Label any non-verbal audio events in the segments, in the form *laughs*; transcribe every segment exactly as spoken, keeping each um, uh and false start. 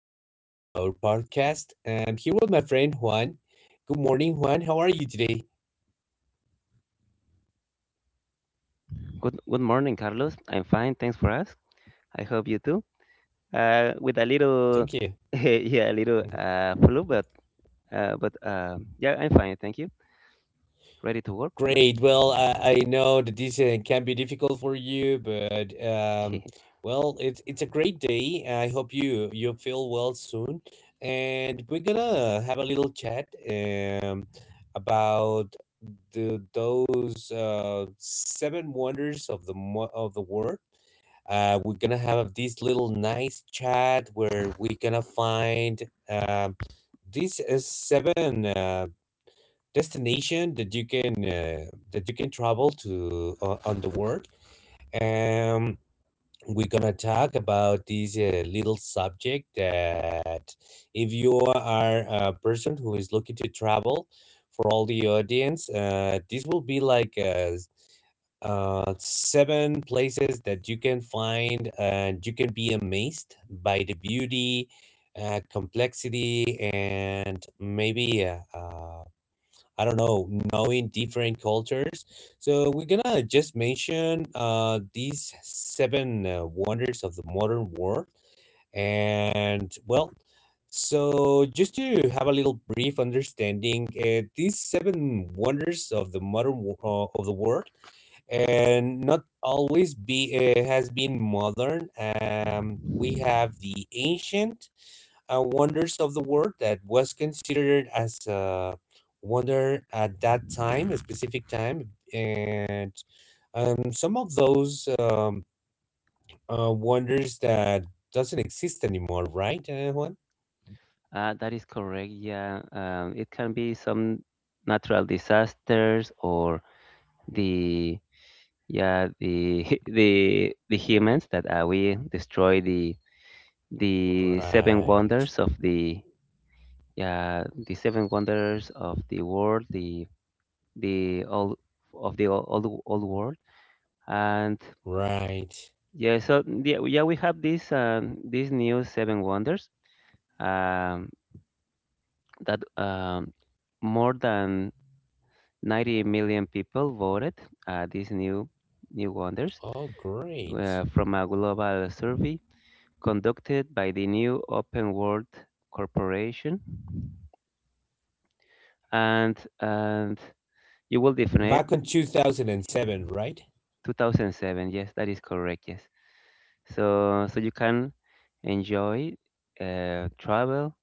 Episode for our podcast. I'm here with my friend Juan. Good morning, Juan. How are you today? Good, good morning, Carlos. I'm fine. Thanks for asking. I hope you too. Uh, with a little, Thank you. *laughs* yeah, a little uh, flu, but uh, but um, yeah, I'm fine. Thank you. Ready to work? Yep. Great. Well, I, I know that this uh, can be difficult for you, but um, *laughs* well, it's it's a great day. I hope you you feel well soon, and we're gonna have a little chat um, about the those uh, seven wonders of the mo- of the world. Uh, we're gonna have this little nice chat where we're gonna find um, these uh, seven uh, destination that you can uh, that you can travel to uh, on the world. Um, we're gonna talk about this uh, little subject that if you are a person who is looking to travel for all the audience, uh, this will be like uh, s- uh, seven places that you can find and you can be amazed by the beauty, uh, complexity, and maybe uh, uh, I don't know, knowing different cultures. So we're gonna just mention uh, these seven uh, wonders of the modern world. And well, so just to have a little brief understanding, uh, these seven wonders of the modern wo- uh, of the world, and not always be uh, has been modern. Um, we have the ancient uh, wonders of the world that was considered as a wonder at that time, a specific time, and um, some of those um, uh, wonders that doesn't exist anymore, right, uh, Juan? Uh, that is correct. Yeah. Um, it can be some natural disasters or the yeah the *laughs* the the humans that uh, we destroy the the seven Right, wonders of the yeah the seven wonders of the world, the the all of the all old old world. And right. yeah, so yeah, we- yeah, we have this um, this new seven wonders um, that um, more than ninety million people voted uh, these new new wonders Oh, great. uh, from a global survey conducted by the new Open World Corporation and and you will define it. Back in two thousand seven, right? two thousand seven, yes, that is correct. Yes, so so you can enjoy, uh, travel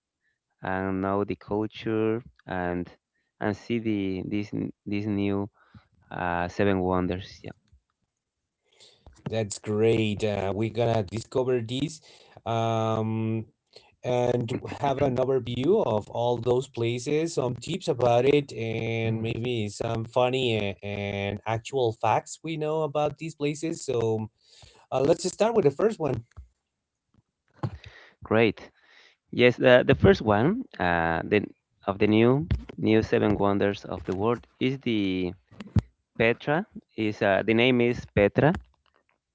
and know the culture, and and see the these n- these new uh, seven wonders. Yeah. That's great. Uh, we're gonna discover these. Um, and have an *coughs* overview of all those places, some tips about it, and maybe some funny a- and actual facts we know about these places. So uh, let's start with the first one. Great. Yes, the, the first one, uh, the of the new new seven wonders of the world is the Petra. Is uh, the name is Petra.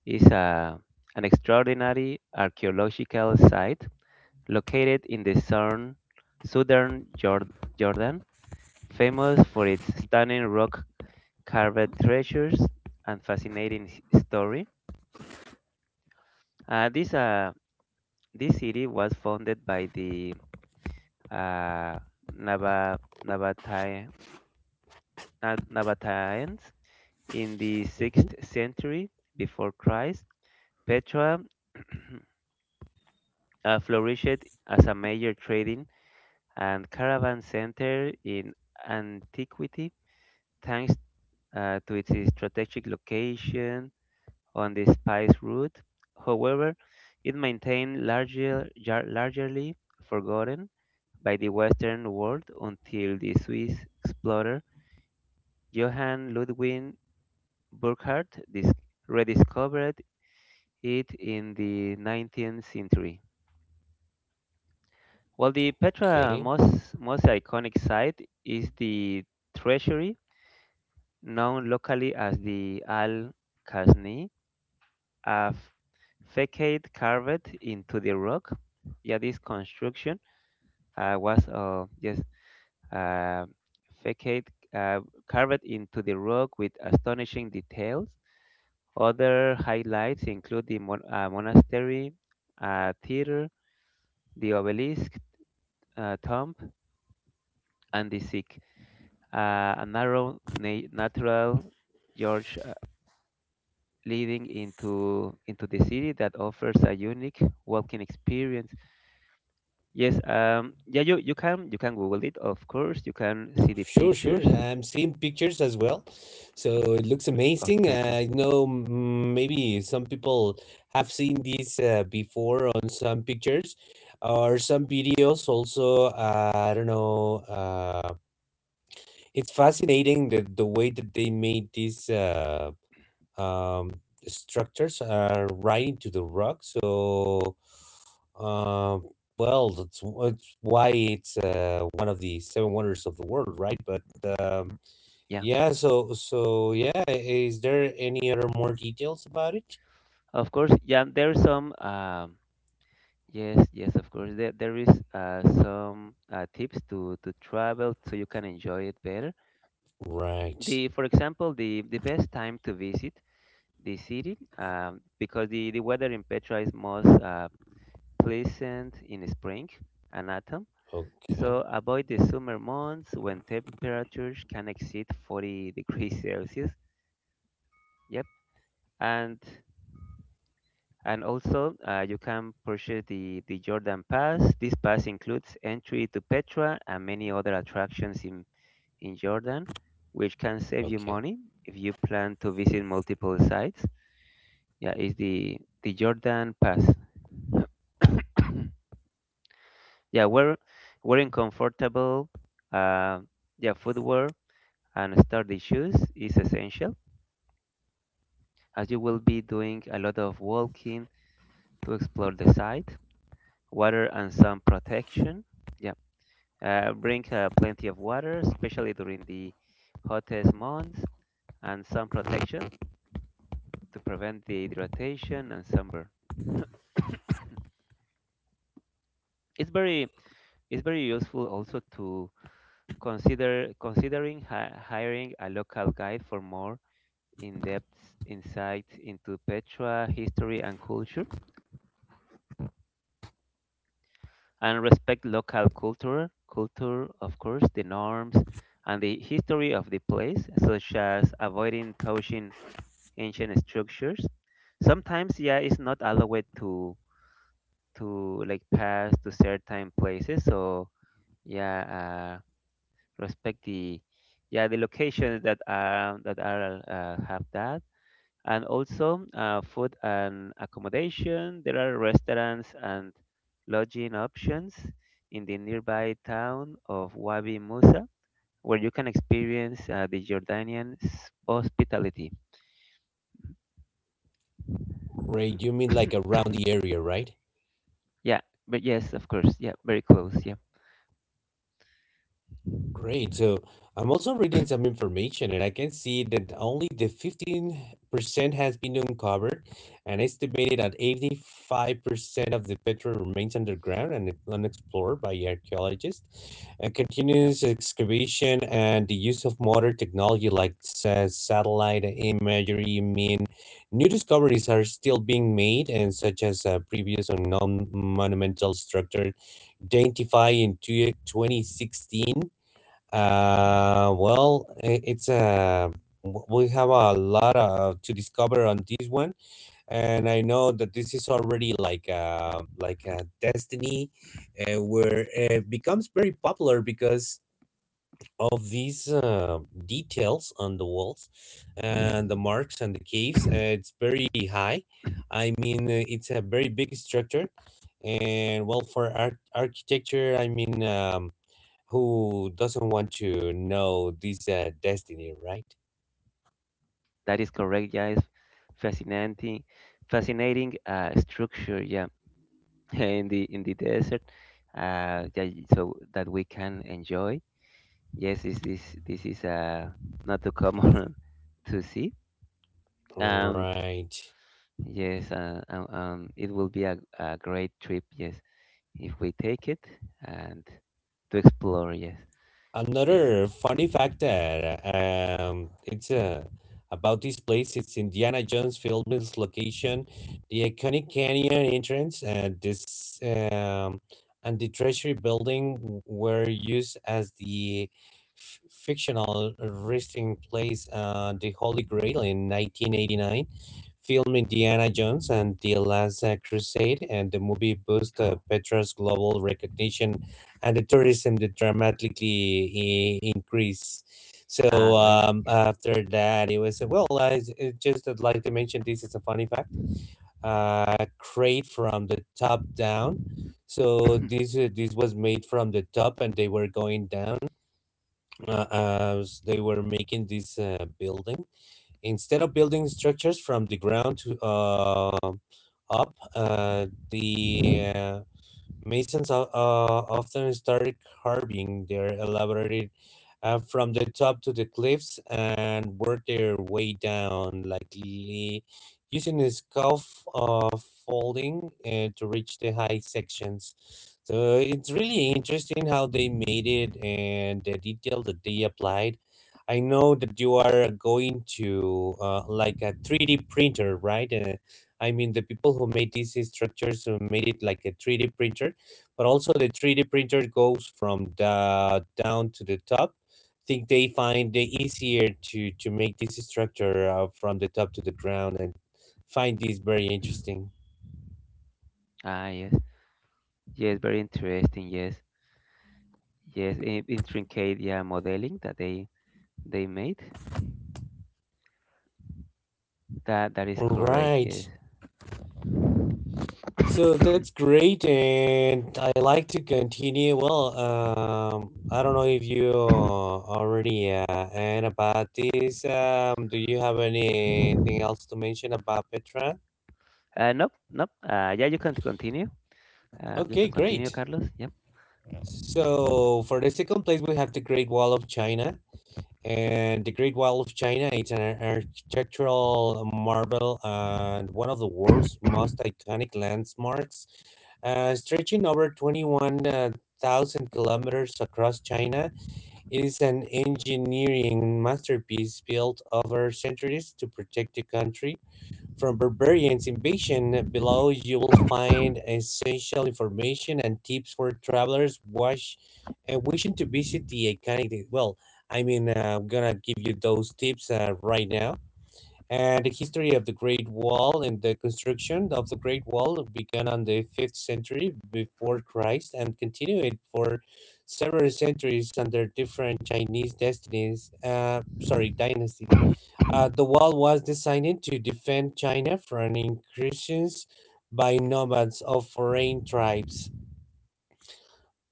is a, an extraordinary archaeological site located in the southern, southern Jor- Jordan, famous for its stunning rock carved treasures and fascinating s- story. Uh, this, uh, this city was founded by the uh, Naba, Nabatai, Na- Nabataeans in the Hmm. sixth century before Christ. Petra *clears throat* uh, flourished as a major trading and caravan center in antiquity thanks uh, to its strategic location on the spice route. However, it maintained larger, jar- largely forgotten by the Western world until the Swiss explorer Johann Ludwig Burckhardt dis- rediscovered it in the nineteenth century. While the Petra Okay. most, most iconic site is the treasury, known locally as the Al Kasni, a f- facade carved into the rock. Yeah, this construction uh, was uh, yes, uh, facade uh, carved into the rock with astonishing details. Other highlights include the mon- uh, monastery, uh, theater, the obelisk, uh, tomb, and the sikh, uh, a narrow na- natural gorge leading into into the city that offers a unique walking experience. Yes, um, yeah, you, you can you can Google it, of course. You can see the Sure, sure. pictures I'm seeing pictures as well, so it looks of amazing. Petra. I know, mm, maybe some people have seen these uh, before on some pictures or some videos. Also, uh, I don't know. Uh, it's fascinating that the way that they made these uh, um, structures are right into the rock. So, uh, well, that's, w- that's why it's uh, one of the seven wonders of the world, right? But um, Yeah, yeah, so so yeah, is there any other more details about it? of course. Yeah, there are some. Um, yes, yes, of course. There there is uh, some uh, tips to to travel so you can enjoy it better. Right. The For example, the the best time to visit the city, um, because the the weather in Petra is most uh, pleasant in spring and autumn. Okay. So avoid the summer months when temperatures can exceed forty *laughs* degrees Celsius. Yep. And and also uh, you can purchase the the Jordan Pass. This pass includes entry to Petra and many other attractions in in Jordan, which can save you Okay. money if you plan to visit multiple sites. Yeah, it's the the Jordan Pass. *coughs* Yeah, we wearing comfortable uh, yeah footwear and sturdy shoes is essential, as you will be doing a lot of walking to explore the site. Water and sun protection. Yeah, uh, bring uh, plenty of water, especially during the hottest months, and sun protection to prevent dehydration and sunburn. *coughs* it's very it's very useful also to consider considering hi- hiring a local guide for more in-depth insight into Petra history and culture. And respect local culture, culture, of course, the norms and the history of the place, such as avoiding touching ancient structures. Sometimes, yeah, it's not allowed to to like pass to certain places. So yeah, uh, respect the yeah the locations that are that are uh, have that. And also uh, food and accommodation. There are restaurants and lodging options in the nearby town of Wabi Musa, where you can experience uh, the Jordanian s- hospitality. Great. You mean like *coughs* around the area, right? Yeah, but yes, of course, yeah, very close. Yeah, Great. So I'm also reading some information and I can see that only the fifteen percent has been uncovered and estimated that eighty-five percent of the petrol remains underground and unexplored by archaeologists. And continuous excavation and the use of modern technology like sa- satellite imagery mean new discoveries are still being made, and such as uh, previous unknown monumental structure identified in two twenty sixteen. Uh, well, i- it's a, we have a lot of to discover on this one, and I know that this is already like a like a destiny, uh, where it becomes very popular because of these uh, details on the walls and the marks and the caves. Uh, it's very high. yeah, *coughs* I mean, uh, it's a very big structure. And well, for arch architecture, I mean, um, who doesn't want to know this uh, destiny, right? that is correct. Yeah, it's fascinating, fascinating uh, structure. Yeah, *laughs* in the in the desert. Uh, yeah, so that we can enjoy. Yes, this this this is uh not too common *laughs* to see. And Right. yes, uh, um, um, it will be a, a great trip. Yes, if we take it and to explore. Yes, yes. Another funny fact that um, it's uh, about this place. It's Indiana Jones film's location, the iconic canyon entrance, and this um, and the Treasury Building w- were used as the f- fictional resting place on the Holy Grail in nineteen eighty-nine. Film Indiana Jones and the Last uh, Crusade, and the movie boost uh, Oh, Petra's global recognition and the tourism that dramatically i- increase. ah, So great. um, Yeah. after that, it was well. I s- uh, just would like to mention this is a funny fact. Uh, crate from the top down. So this uh, this was made from the top, and they were going down. Uh, as they were making this uh, building instead of building structures from the ground to uh, up, uh, the uh, Masons o- uh, often started carving their elaborated uh, from the top to the cliffs and worked their way down, likely using a scarf uh, folding uh, to reach the high sections. So it's really interesting how they made it and the detail that they applied. I know that you are going to uh, like a three D printer, right? Uh, I mean, the people who made these structures who made it like a three D printer, but also the three D printer goes from the down to the top. I think they find the easier to to make this structure uh, from the top to the ground, and find this very Mm. interesting. Ah, yes, yes. Very interesting. Yes, yes. In, intricate, yeah, modeling that they they made. That that is All correct. right. Yes. So that's great, and I like to continue. Well, um, I don't know if you already uh, and about this. Um, do you have anything else to mention about Petra? Uh, nope, nope. Uh, yeah, you can continue. Uh, you Okay, can continue, great. Carlos. Yep. So for the second place, we have the Great Wall of China, and the Great Wall of China it's an architectural marvel and one of the world's most iconic landmarks, uh, stretching over twenty one thousand kilometers across China. It is an engineering masterpiece built over centuries to protect the country from barbarians' invasion. Below, you will find essential information and tips for travelers wash, uh, wishing to visit the iconic. Well, I mean, uh, I'm gonna give you those tips uh, right now. And the history of the Great Wall, and the construction of the Great Wall began on the fifth century before Christ, and continued for several centuries under different Chinese destinies, uh, sorry, dynasties. Uh, the wall was designed to defend China from incursions by nomads of foreign tribes.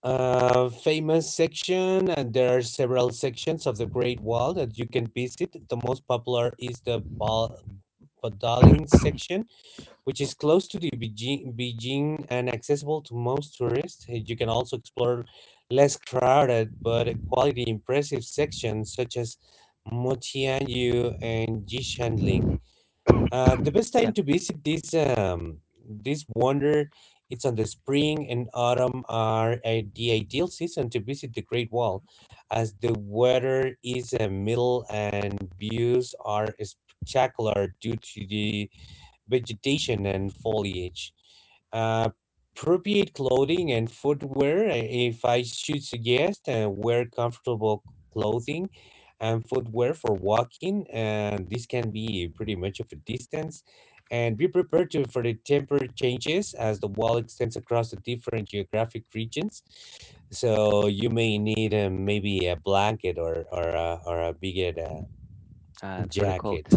Uh, famous section, and there are several sections of the Great Wall that you can visit. The most popular is the Ba- Badaling section, which is close to the Beijing, Beijing, and accessible to most tourists. Uh, You can also explore less crowded but a quality impressive sections such as Motianyu and Jishanling. Uh, the best time Yeah. to visit this um, this wonder, it's on the spring and autumn are uh, the ideal season to visit the Great Wall, as the weather is uh, middle and views are spectacular due to the vegetation and foliage. Uh, appropriate clothing and footwear, I- if I should suggest, uh, wear comfortable clothing and footwear for walking. And this can be pretty much of a distance. And be prepared to, for the temper changes as the wall extends across the different geographic regions. So you may need uh, maybe a blanket or, or, a, or a bigger uh, Uh, for the cult. jacket.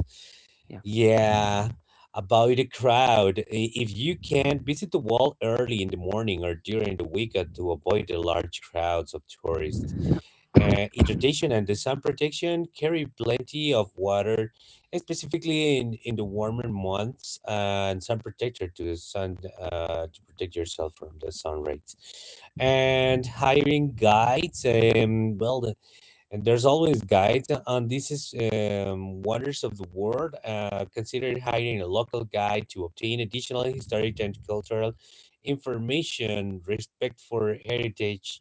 Yeah. Yeah, about the crowd. I- If you can, visit the wall early in the morning or during the weekend to avoid the large crowds of tourists. Uh, hydration and the sun protection, carry plenty of water, specifically in, in the warmer months, uh, and sun protector to the sun uh, to protect yourself from the sun rays. And hiring guides, um, well, the, and there's always guides on on these is, um, wonders of the world. Uh, consider hiring a local guide to obtain additional historic and cultural information. Respect for heritage.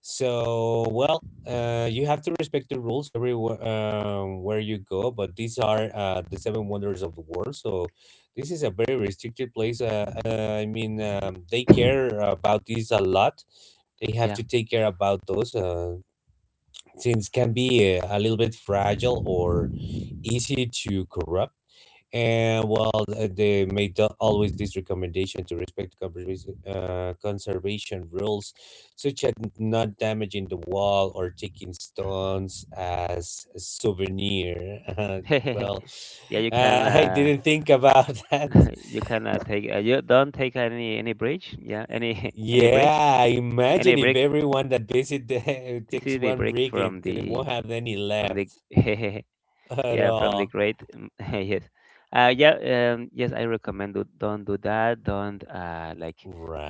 So, well, uh, you have to respect the rules everywhere um, where you go, but these are uh, the seven wonders of the world. So this is a very restricted place. Uh, uh, I mean, um, they care about these a lot. They have Yeah. to take care about those. Uh, since can be a, a little bit fragile or easy to corrupt. And well, uh, they made the- always this recommendation to respect the conservation, uh, conservation rules, such as n- not damaging the wall or taking stones as a souvenir. *laughs* Uh, *laughs* well, Yeah, you uh, can I uh, didn't think about *laughs* that. *laughs* you can uh, take uh, you don't take any any bridge. Yeah, any *laughs* any brick, Yeah, imagine any if brick. everyone that visit the, *laughs* This takes is the one brick brick, it, from they the won't have any from left the *laughs* at yeah from the all. great mm, *laughs* yes. Uh, yeah, um, yes, I recommend do, don't do that. Don't uh, like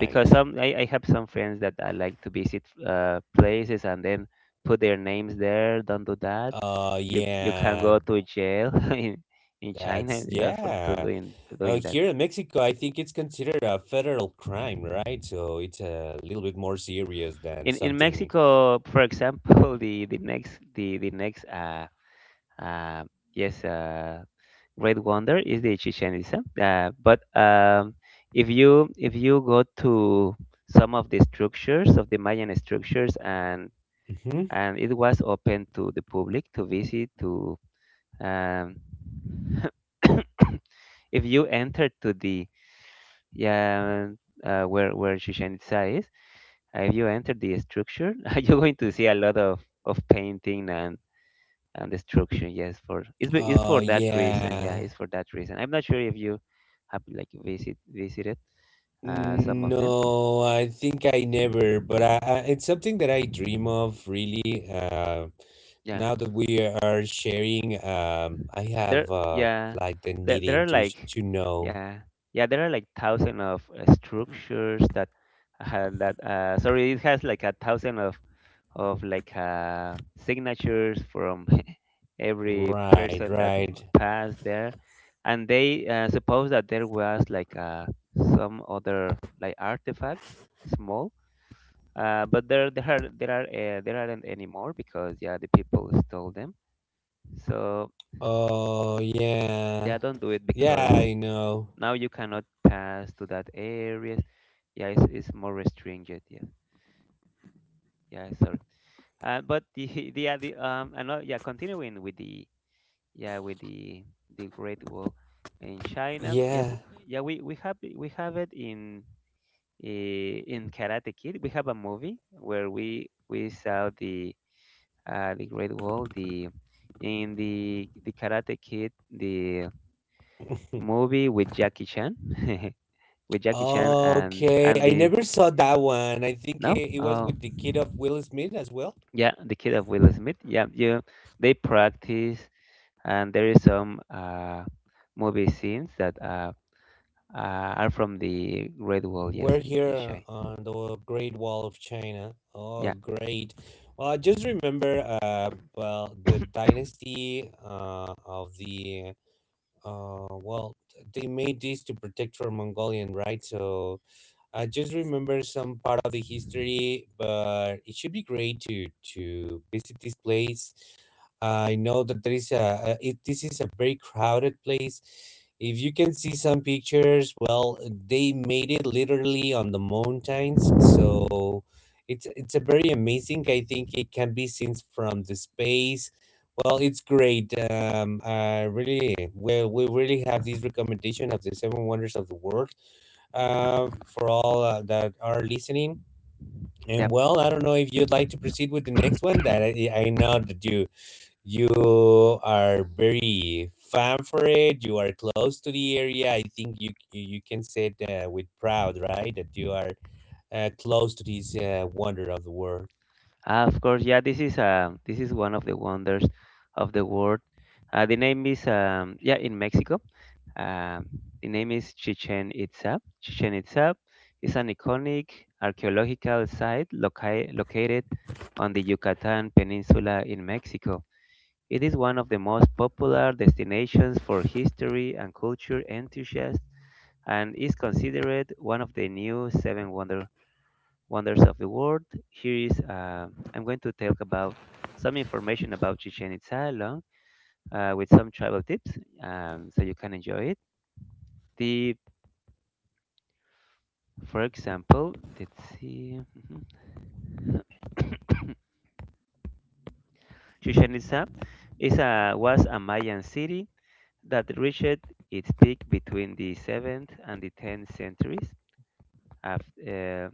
because some I, I have some friends that I like to visit uh, places and then put their names there. Don't do that. Uh, You you can yeah, go to jail *laughs* in in China, that's yeah, for to yeah. doing to Uh, doing that. here in Mexico, I think it's considered a federal crime, right? So it's a little bit more serious than in in something. Mexico, for example, *laughs* the the next the the next uh uh yes uh great wonder is the Chichen Itza. Uh, but um, if you if you go to some of the structures of the Mayan structures and Mm-hmm. and it was open to the public to visit to um, *coughs* if you enter to the yeah uh, where where Chichen Itza is, if you enter the structure, *laughs* you're going to see a lot of, of painting and, and destruction. Yes, for it's, be- it's Uh, for that reason. Yeah, yeah. it's for that reason. I'm not sure if you have like visit visited uh, some of them. No, I think I never, but I, I it's something that I dream of really. Uh, Yeah, now that we are sharing, um, I have there. uh, Yeah, like the there, needing there are to sh- like to know. yeah yeah there are like thousand of uh, structures that uh, that uh, sorry, it has like a thousand of of like uh, signatures from *laughs* every Right, person that right. w- passed there, and they uh, suppose that there was like uh, some other like artifacts, small, uh, but there there are there are uh, there aren't anymore because yeah the people stole them. So Oh, yeah. yeah, don't do it Yeah, because I know. now you cannot pass to that area. Yeah, it's, it's more restringent. Yeah, yeah, sorry. Uh, but the *laughs* the, yeah, the um, another, yeah, continuing with the yeah with the the Great Wall in China. Yeah. Yes, yeah, we, we have it- we have it in eh, in Karate Kid. We have a movie where we we saw the uh, the Great Wall the in the the Karate Kid the *laughs* movie with Jackie Chan, *laughs* with Jackie Chan and Okay. and I the never saw that one. I think no it, it was oh with the kid of Will Smith as well. yeah the kid of Will Smith, yeah, yeah, they practice, and there is some uh, movie scenes that uh, uh, are from the Great Wall, yes, We're in, in here China. on the Great Wall of China. Yeah, Oh, great. Well, I just remember, uh, well, the dynasty uh, of the uh, well, they made this to protect from Mongolian, right? So I just remember some part of the history, but it should be great to to visit this place. I know that there is a, a it, this is a very crowded place. If you can see some pictures, well, they made it literally on the mountains, so it's it's a very amazing. I think it can be seen from the space. Well, it's great. Um, I really, well, we really have this recommendation of the Seven Wonders of the World uh, for all uh, that are listening. yeah. And well, I don't know if you'd like to proceed with the next one. That I, I know that you you are very fan for it. You are close. Uh, of course, yeah. This is um, this is one of the wonders of the world. Uh, the name is um, yeah in Mexico. Um, the name is Chichen Itza. Chichen Itza is an iconic archaeological site loca- located on the Yucatan Peninsula in Mexico. It is one of the most popular destinations for history and culture enthusiasts, and is considered one of the new seven wonder, wonders of the world. Here is uh, I'm going to talk about some information about Chichen Itza along uh, with some travel tips, um, so you can enjoy it. The for example, let's see, mhm. Chichen Itza is a, was a Mayan city that reached its peak between the seventh and the tenth centuries. After,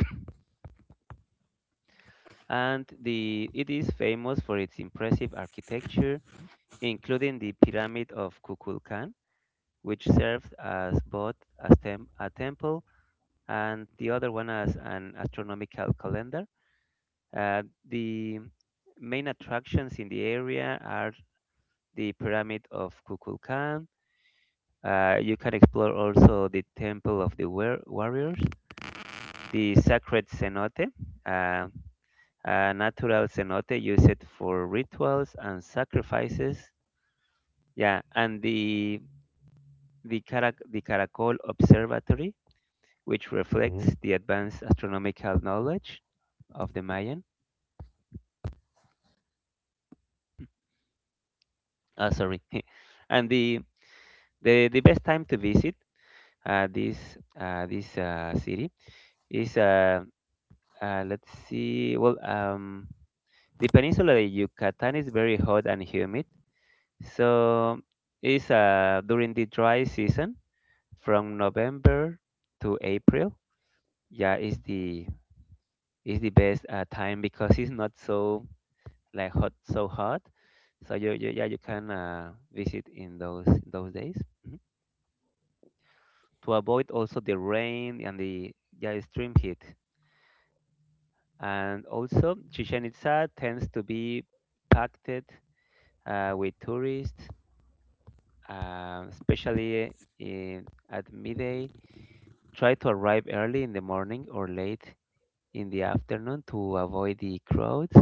*coughs* and the, it is famous for its impressive architecture, including the Pyramid of Kukulkan, which served as both a, stem, a temple, and the other one as an astronomical calendar. Uh, the main attractions in the area are the Pyramid of Kukulkan. Uh, you can explore also the Temple of the War- Warriors, the Sacred Cenote. uh, A natural cenote used for rituals and sacrifices. Yeah, and the the, Carac the Caracol Observatory, which reflects the advanced astronomical knowledge of the Mayan. Oh, sorry. *laughs* And the, the the best time to visit uh, this uh, this uh, city is uh, uh, let's see. Well, um, the peninsula of Yucatan is very hot and humid, so is uh, during the dry season from November to April, yeah, is the is the best uh, time, because it's not so like hot, so hot. So you, you yeah, you can uh, visit in those those days. Mhm. To avoid also the rain and the yeah extreme heat. And also, Chichen Itza tends to be packed uh, with tourists, uh, especially in, at midday. Try to arrive early in the morning or late in the afternoon to avoid the crowds.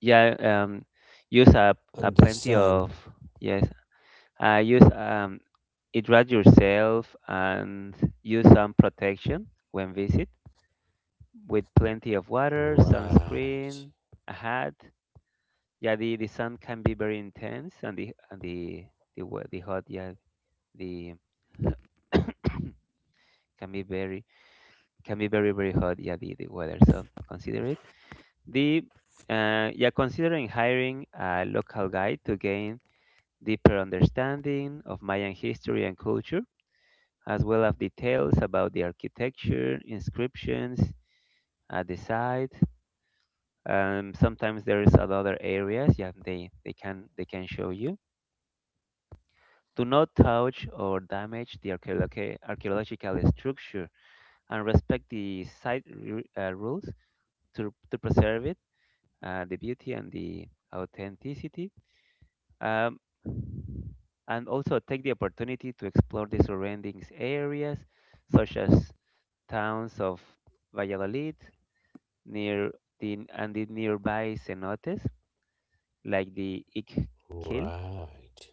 Yeah, um, use a, a plenty of yes. Uh, use um, hydrate yourself and use some protection when visit with plenty of water, sunscreen, a hat. Yeah, the, the sun can be very intense, and the and the the wa- the hot yeah the *coughs* can be very can be very very hot, yeah, the, the weather, so consider it The uh, yeah, considering hiring a local guide to gain deeper understanding of Mayan history and culture, as well as details about the architecture, inscriptions at the site. Um, sometimes there is other areas, yeah, they, they can they can show you. Do not touch or damage the archeologi- archaeological structure and respect the site ru- uh, rules to, to preserve it, uh, the beauty and the authenticity. Um, and also take the opportunity to explore the surrounding areas, such as towns of Valladolid near the, and the nearby cenotes, like the Iquique.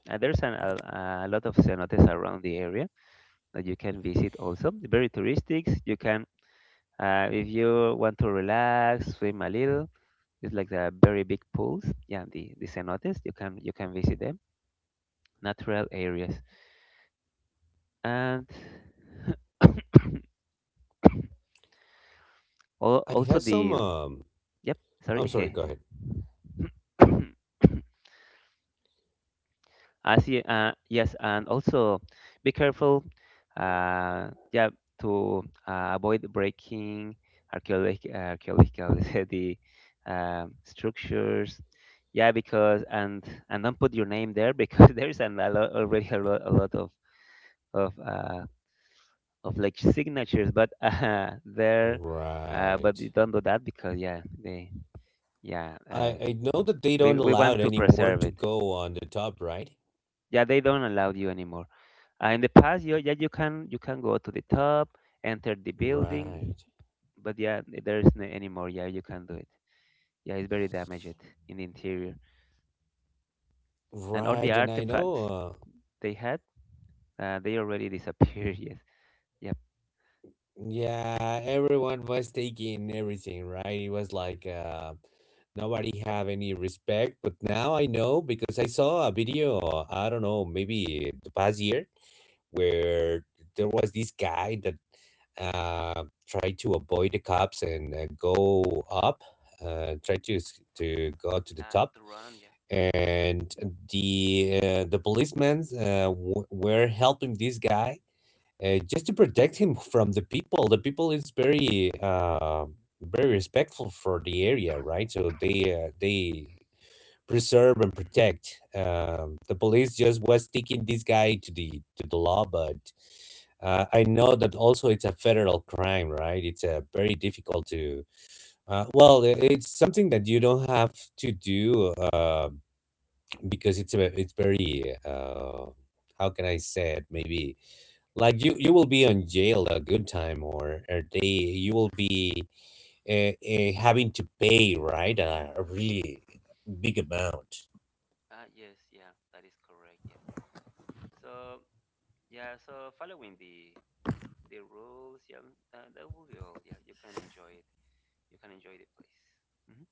And there's an, a, a lot of cenotes around the area that you can visit also. Very touristic. You can, uh, if you want to relax, swim a little. It's like the very big pools. Yeah, the, the cenotes. You can you can visit them. Natural areas and al- also the Yep, sorry. *laughs* *coughs* I see. Uh, yes, and also be careful, uh, yeah, to uh, avoid breaking archaeological archaeological *laughs* the um structures. Yeah, because and and don't put your name there, because *laughs* there is an, a lot, already a lot, a lot of of uh, of like signatures, but *laughs* uh, there, uh, but you don't do that because, yeah, they yeah, uh, we we want to preserve it. Yeah, they don't allow you anymore. Uh, in the past, you, yeah, you can you can go to the top, enter the building, but yeah, there is no anymore. Yeah, you can't do it. Yeah, it's very damaged in the interior, and all the artifacts they had, uh, they already disappeared. *laughs* Yes. Yep. Uh, to run, yeah. Uh, yes, yeah, that is correct. Yes. So yeah, so following the the rules, yeah, uh, that will be all. Yeah, you can enjoy it. You can enjoy the place. Hmm.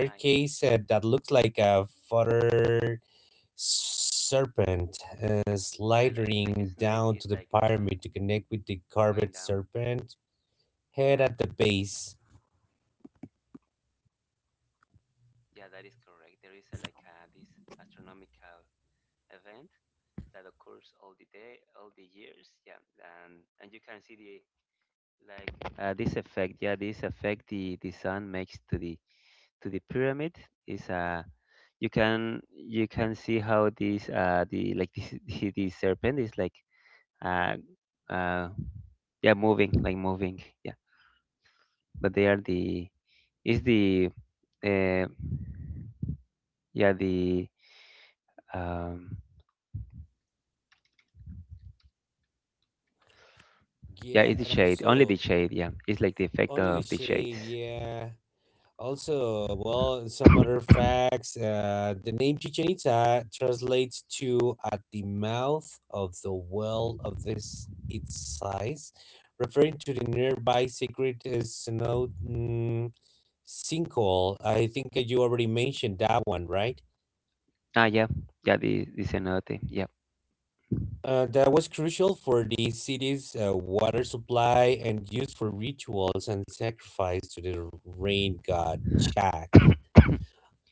Ah, yeah. Yeah, like like a snake is like. Uh, Going down. Yeah, yeah, that is correct. There is a, like a, this astronomical event that occurs all the day, all the years. Yeah, and and you can see the like uh, this effect. Yeah, this effect the the sun makes to the to the pyramid is a. you can you can see how this uh the like this *laughs* the, the serpent is like uh uh yeah, moving, like moving, yeah, but they are the is the uh yeah the Um, yeah, Yeah, it's the and shade. Only the also shade. Yeah, it's like the effect only the of the shades. shape. Yeah. Also, well, some other facts. Uh, the name Chichen Itza translates to at the mouth of the well of this its size, referring to the nearby secret uh, snow mm, sinkhole. I think uh, you already mentioned that one, right? Ah, yeah, yeah. The this another thing. Yeah, Uh, that was crucial for the city's uh, water supply and used for rituals and sacrifice to the rain god Chak.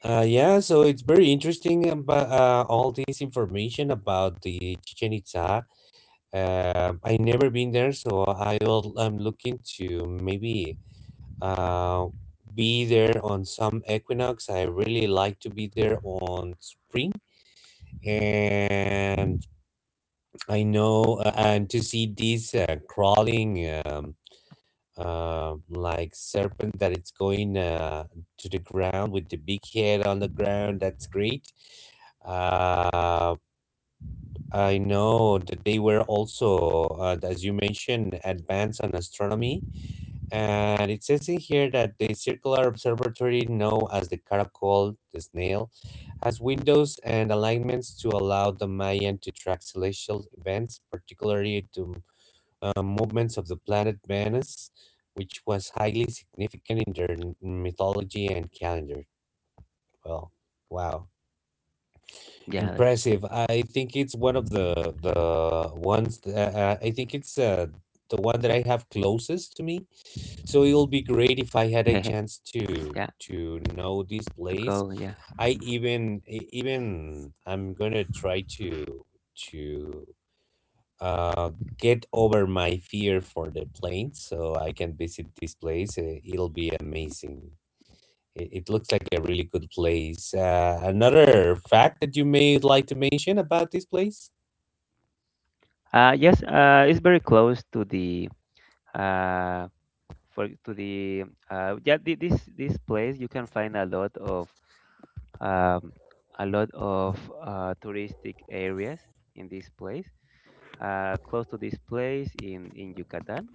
Uh, yeah, so it's very interesting about uh, all this information about the Chichen Itza. Uh, I never been there, so I will, I'm looking to maybe uh, be there on some equinox. I really like to be there on spring and I know, uh, and to see this uh, crawling, um, uh, like serpent that it's going uh, to the ground with the big head on the ground. That's great. Uh, I know that they were also, uh, as you mentioned, advanced on astronomy, and it says in here that the circular observatory, known as the Caracol, the snail, has windows and alignments to allow the Mayan to track celestial events, particularly to uh, movements of the planet Venus, which was highly significant in their n- mythology and calendar. Well, wow, yeah, impressive. I think it's one of the the ones. That, uh, uh, I think it's uh, the one that I have closest to me. So it'll be great if I had a that- chance to *laughs* yeah. to know this To place. go. Yeah. I even e- even I'm gonna try to to uh, get over my fear for the planes, so I can visit this place. Uh, It'll be amazing. It, it looks like a really good place. Uh, another fact that you may like to mention about this place? Uh, yes. Uh, it's very close to the uh for to the uh yeah thi- this this place. You can find a lot of um a lot of uh touristic areas in this place. Uh, close to this place in in Yucatan.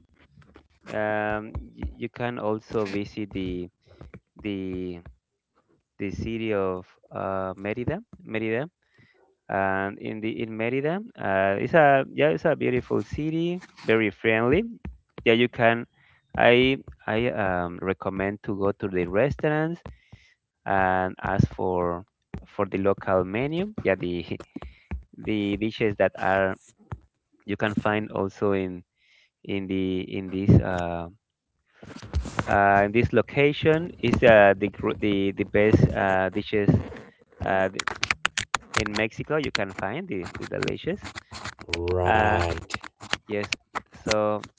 Um, y- you can also visit the the the city of uh, Merida, Merida, and in the in Merida, uh, it's a yeah, it's a beautiful city, very friendly. Yeah, you can. I I um, recommend to go to the restaurants and ask for for the local menu. Yeah, the *laughs* the dishes that are you can find also in in the in this uh, uh, in this location is uh, the gr- the the best uh, dishes. Uh, in Mexico you can find the, the delicious. Uh, Right. yes. So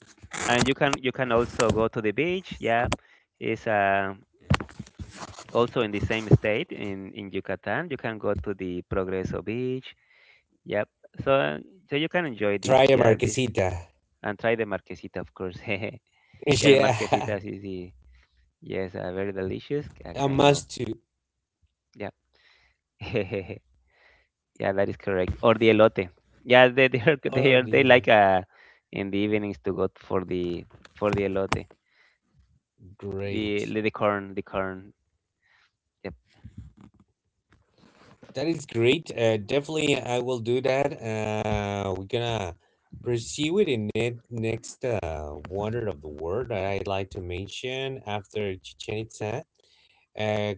and you can you can also go to the beach. Yeah, it's uh, also in the same state in in Yucatan. You can go to the Progreso Beach. Yep. So uh, so you can enjoy this. Try a Yeah, this, marquesita. and try the marquesita, of course. *laughs* *laughs* Yeah, the Yeah, marquesitas is the yes, uh, very delicious. Uh, a Kind of must to. yeah. *laughs* Yeah, that is correct. Or the elote. Yeah, they *laughs* they are, Or they are the they lot. like uh in the evenings to go for the for the elote. The Great. the corn, the corn. Yep. That is great. Uh, definitely, I will do that. Uh, we're gonna proceed with the ne- next uh, wonder of the world that I'd like to mention after Chichen Itza. Uh,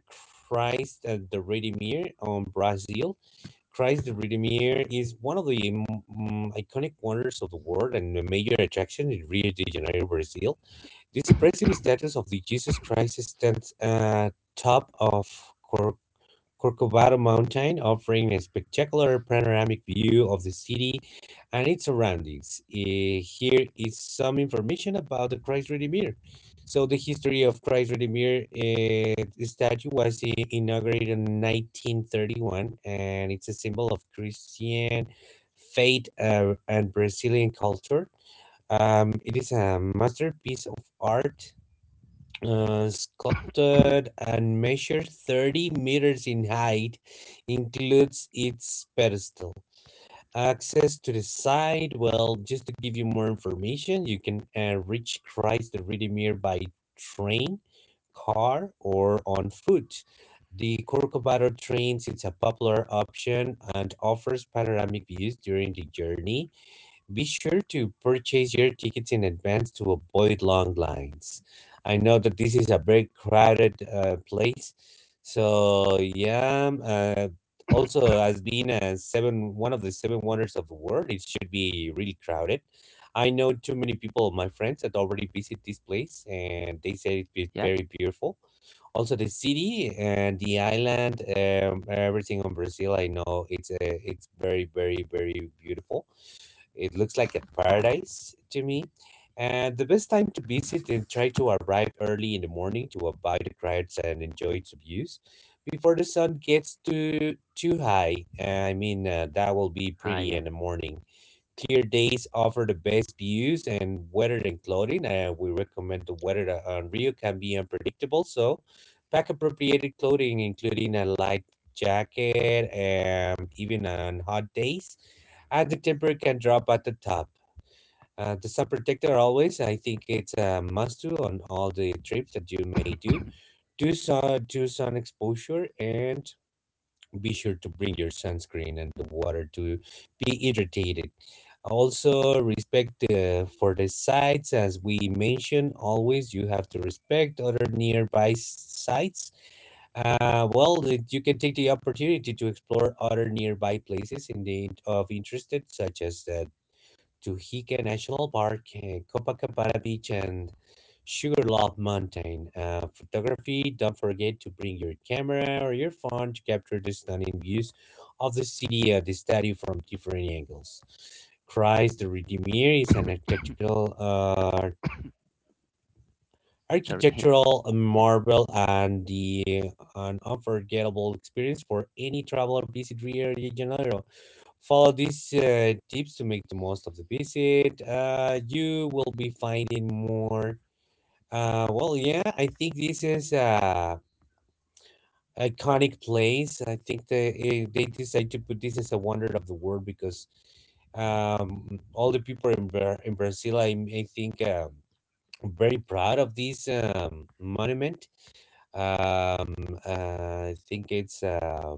Christ uh, the Redeemer on Brazil. Christ the Redeemer is one of the mm, mm, iconic wonders of the world and a major attraction in Rio de Janeiro, Brazil. This impressive *coughs* status of the Jesus Christ stands uh, top of Corcovado Mountain, offering a spectacular panoramic view of the city and its surroundings. Eh, Here is some information about the Christ Redeemer. So, the history of Christ Redeemer eh, the statue was eh, inaugurated in nineteen thirty-one, and it's a symbol of Christian faith uh, and Brazilian culture. Um, it is a masterpiece of art uh, sculpted and measures thirty meters in height, includes its pedestal. Access to the site, well, just to give you more information, you can uh, reach Christ the Redeemer by train, car, or on foot. The Corcovado trains, it's a popular option and offers panoramic views during the journey. Be sure to purchase your tickets in advance to avoid long lines. I know that this is a very crowded uh, place. So yeah, uh, also as being a seven one of the seven wonders of the world, it should be really crowded. I know too many people of my friends that already visit this place and they said it's Yeah. very beautiful. Also the city and the island, um, everything on Brazil, I know it's uh, it's very very very beautiful. It looks like a paradise to me. And the best time to visit and try to arrive early in the morning to avoid the crowds and enjoy its views before the sun gets too too high. Uh, I mean, uh, that will be Ah, pretty yeah. in the morning. Clear days offer the best views and weather and clothing, and we recommend the weather that on Rio can be unpredictable. So, pack appropriated clothing, including a light jacket, and even on hot days, and the temper can drop at the top. Uh, the sun protector always, I think it's a must do on all the trips that you may do. Do sun, do sun exposure and be sure to bring your sunscreen and the water to be hydrated. Also, respect uh, for the sites, as we mentioned, always you have to respect other nearby sites. Uh, well, the, you can take the opportunity to explore other nearby places in the of interested, such as uh, Tuhica National Park, uh, Copacabana Beach, and Sugarloaf Mountain. Uh, photography. Don't forget to bring your camera or your phone to capture the stunning views of the city of the study from different angles. Christ the Redeemer is an *coughs* architectural uh, Sorry. *laughs* architectural Yep. marvel and the an unforgettable experience for any traveler visit Rio de Janeiro. Follow these uh, tips to make the most of the visit. Uh, you will be finding more. Uh, well, yeah, I think this is a iconic place. I think they eh, they decide to put this as a wonder of the world because um all the people in Bra- in Brazil, I I think. Uh, very proud of this um, monument. Um, uh, I think it's uh,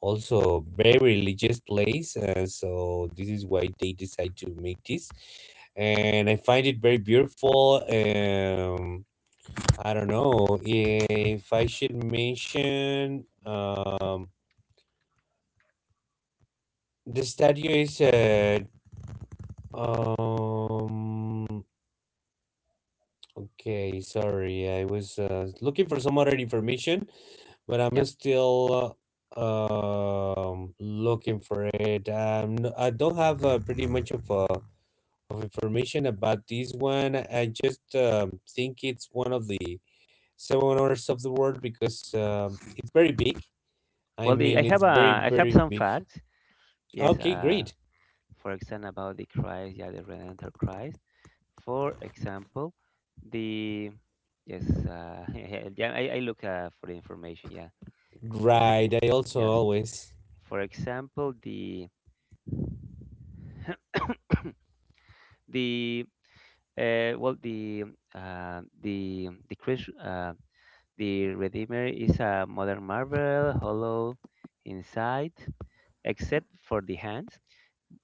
also very religious place, uh, so this is why they decide to make this. And I find it very beautiful. Um, I don't know if I should mention um, the statue is uh, um okay sorry I was uh, looking for some other information but I'm Yep. still uh, um looking for it. Um, I don't have uh, pretty much of uh, of information about this one. I just um, think it's one of the seven wonders of the world because um, it's very big. I Well, the, mean, I it's have very a I have very some big. facts. Yes. Okay, Uh, great. For example, about the Christ. Yeah, the Redentor Christ. For example, the yes. Uh, *laughs* yeah. I, I look uh, for the information. Yeah. Yes. Right. Let, I also Yes. always. For example, the *coughs* The uh, well, the uh, the the Chris, uh, the Redeemer is a modern marvel, hollow inside, except for the hands.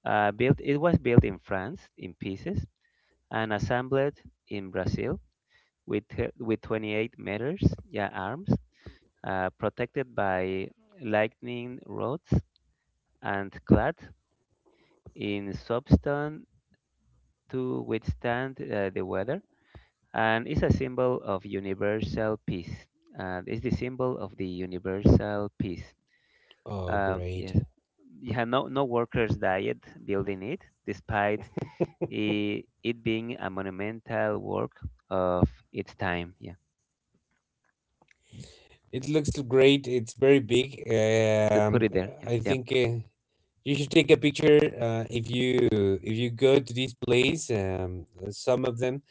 Uh, built, it was built in France in pieces and assembled in Brazil with uh, with twenty-eight meters, yeah, arms, uh, protected by lightning rods and clad in soapstone to withstand uh, the weather, and it's a symbol of universal peace. And it's the symbol of the universal peace. Oh, Uh, great. Yes, yeah, no, no workers died building it, despite it, it being a monumental work of its time. Yeah, It looks great. It's very big. to put Um, it there. Yeah, I yeah. think. Uh, you should take a picture uh, if you if you go to this place um, some of them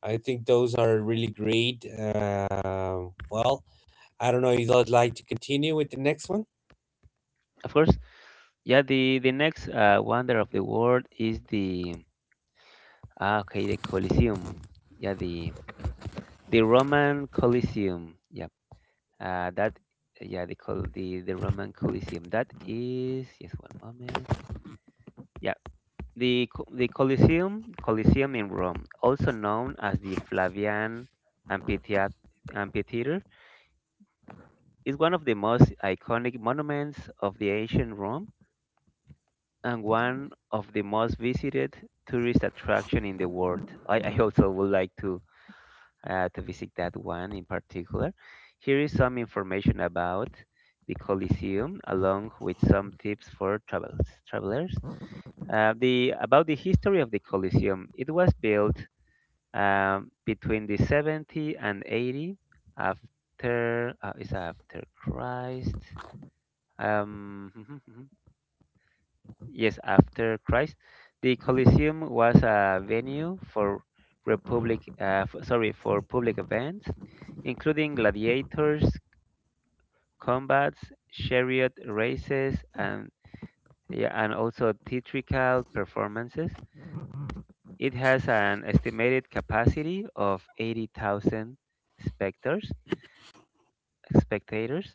I think those are really great uh, well I don't know if I'd like to continue with the next one. Of course. Yeah, the the next uh, wonder of the world is the ah, okay the Colosseum. Yeah, the the Roman Colosseum. Yeah. Uh, that yeah, the col- the the Roman Colosseum. That is yes, one moment. Yeah, the co- the Colosseum Colosseum in Rome, also known as the Flavian Amphithea- Amphitheater, is one of the most iconic monuments of the ancient Rome and one of the most visited tourist attraction in the world. I, I also would like to uh, to visit that one in particular. Here is some information about the Colosseum, along with some tips for travels, travelers. Uh, the About the history of the Colosseum. It was built um, between the seventy and eighty after uh, is after Christ. Um, *laughs* Yes, after Christ, the Colosseum was a venue for republic, uh, f- sorry, for public events, including gladiators, combats, chariot races, and yeah, and also theatrical performances. It has an estimated capacity of eighty thousand spectators, spectators,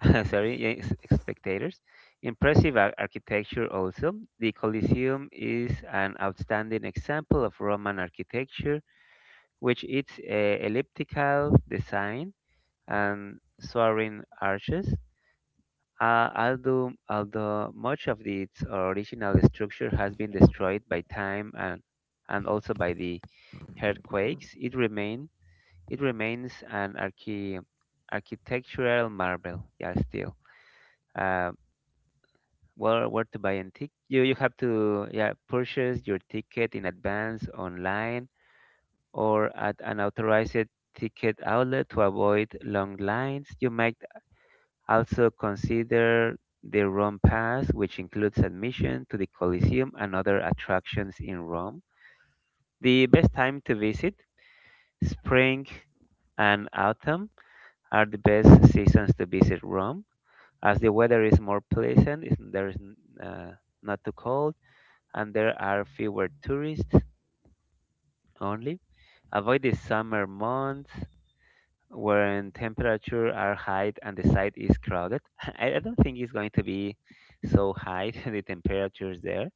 *laughs* sorry, yeah, s- spectators. Impressive ar- architecture also. The Colosseum is an outstanding example of Roman architecture, which its uh, elliptical design and soaring arches. Uh, although, although much of the- its original structure has been destroyed by time and, and also by the earthquakes, it remain it remains an archi- architectural marvel. Yeah, still. Um, Where where to buy and tick? You you have to yeah purchase your ticket in advance online or at an authorized ticket outlet to avoid long lines. You might also consider the Rome Pass, which includes admission to the Colosseum and other attractions in Rome. The best time to visit, spring and autumn are the best seasons to visit Rome, as the weather is more pleasant. It's, there is n- uh, not too cold and there are fewer tourists only. Avoid the summer months when temperatures are high and the site is crowded. *laughs* I I don't think it's going to be so high *laughs* the temperatures there.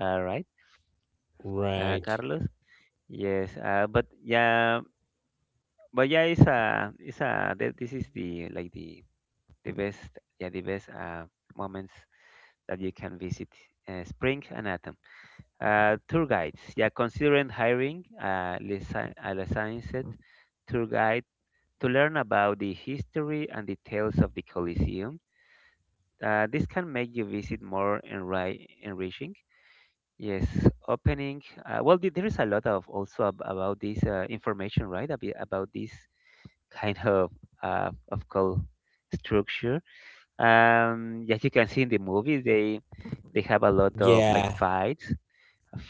All right, uh, Right. Carlos. Yes, uh, but yeah, but yeah, it's a it's a th- this is the like the the best yeah the best uh, moments that you can visit, uh, spring and autumn. Uh, tour guides, yeah, considering hiring a lici- a licensed tour guide to learn about the history and details of the Colosseum. Uh, this can make your visit more enri- enriching. Yes, opening. Uh, well, the- there is a lot of also ab- about this uh, information, right? abi- About this kind of uh, of call structure. Um, yes, you can see in the movies they they have a lot of like Yeah. fights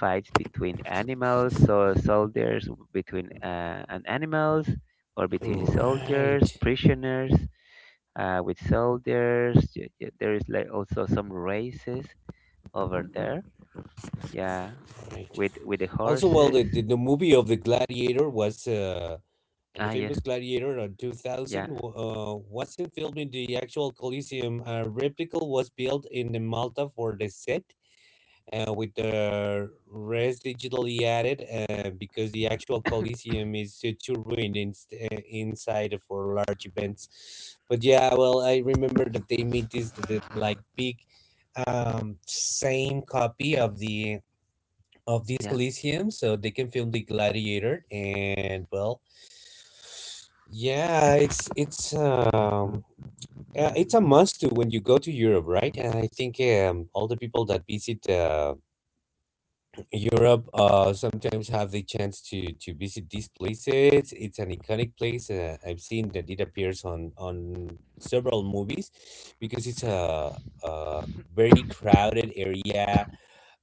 fights between animals, so soldiers between uh, and animals, or between soldiers, Right, prisoners uh, with soldiers. Y- y- There is like also some races over there. Yeah, right. with with the Also well, horses. the, the, the movie of the gladiator was uh, the Ah, yes, famous gladiator of two thousand yeah, wa- uh, wasn't filmed in the actual coliseum. A replica was built in the Malta for the set uh, with the rest digitally added uh, because the actual Coliseum is too, too ruined in, uh, inside for large events. But yeah, well, I remember that they made this the, like big um, same copy of the of this yeah, Coliseum so they can film the Gladiator and well yeah it's it's um uh, it's a must to when you go to Europe, right? And I think um, all the people that visit uh, Europe uh sometimes have the chance to to visit these places. It's an iconic place. Uh, I've seen that it appears on on several movies because it's a a very crowded area.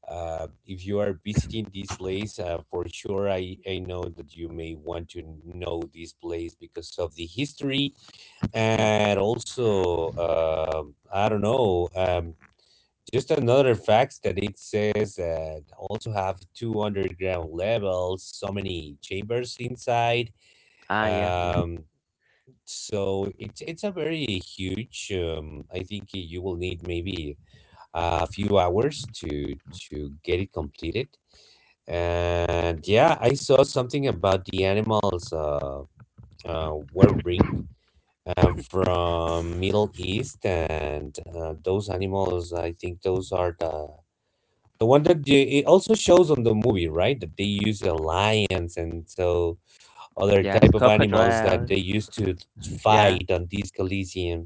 Uh, if you are visiting this place, uh, for sure, I, I know that you may want to know this place because of the history yeah. and also, um I don't know, um, just another fact that it says that also have two underground levels, so many chambers inside. Ah, yeah, yes, Um, so it's it's a very huge. Um, I think y- you will need maybe a few hours to to get it completed. And yeah, I saw something about the animals uh, uh, were bring uh, from Middle East, and uh, those animals, I think those are the the one that you, it also shows on the movie, right? That they use the lions and so other yes. type of animals that Crocodiles. they used to Yeah, fight on this Coliseum.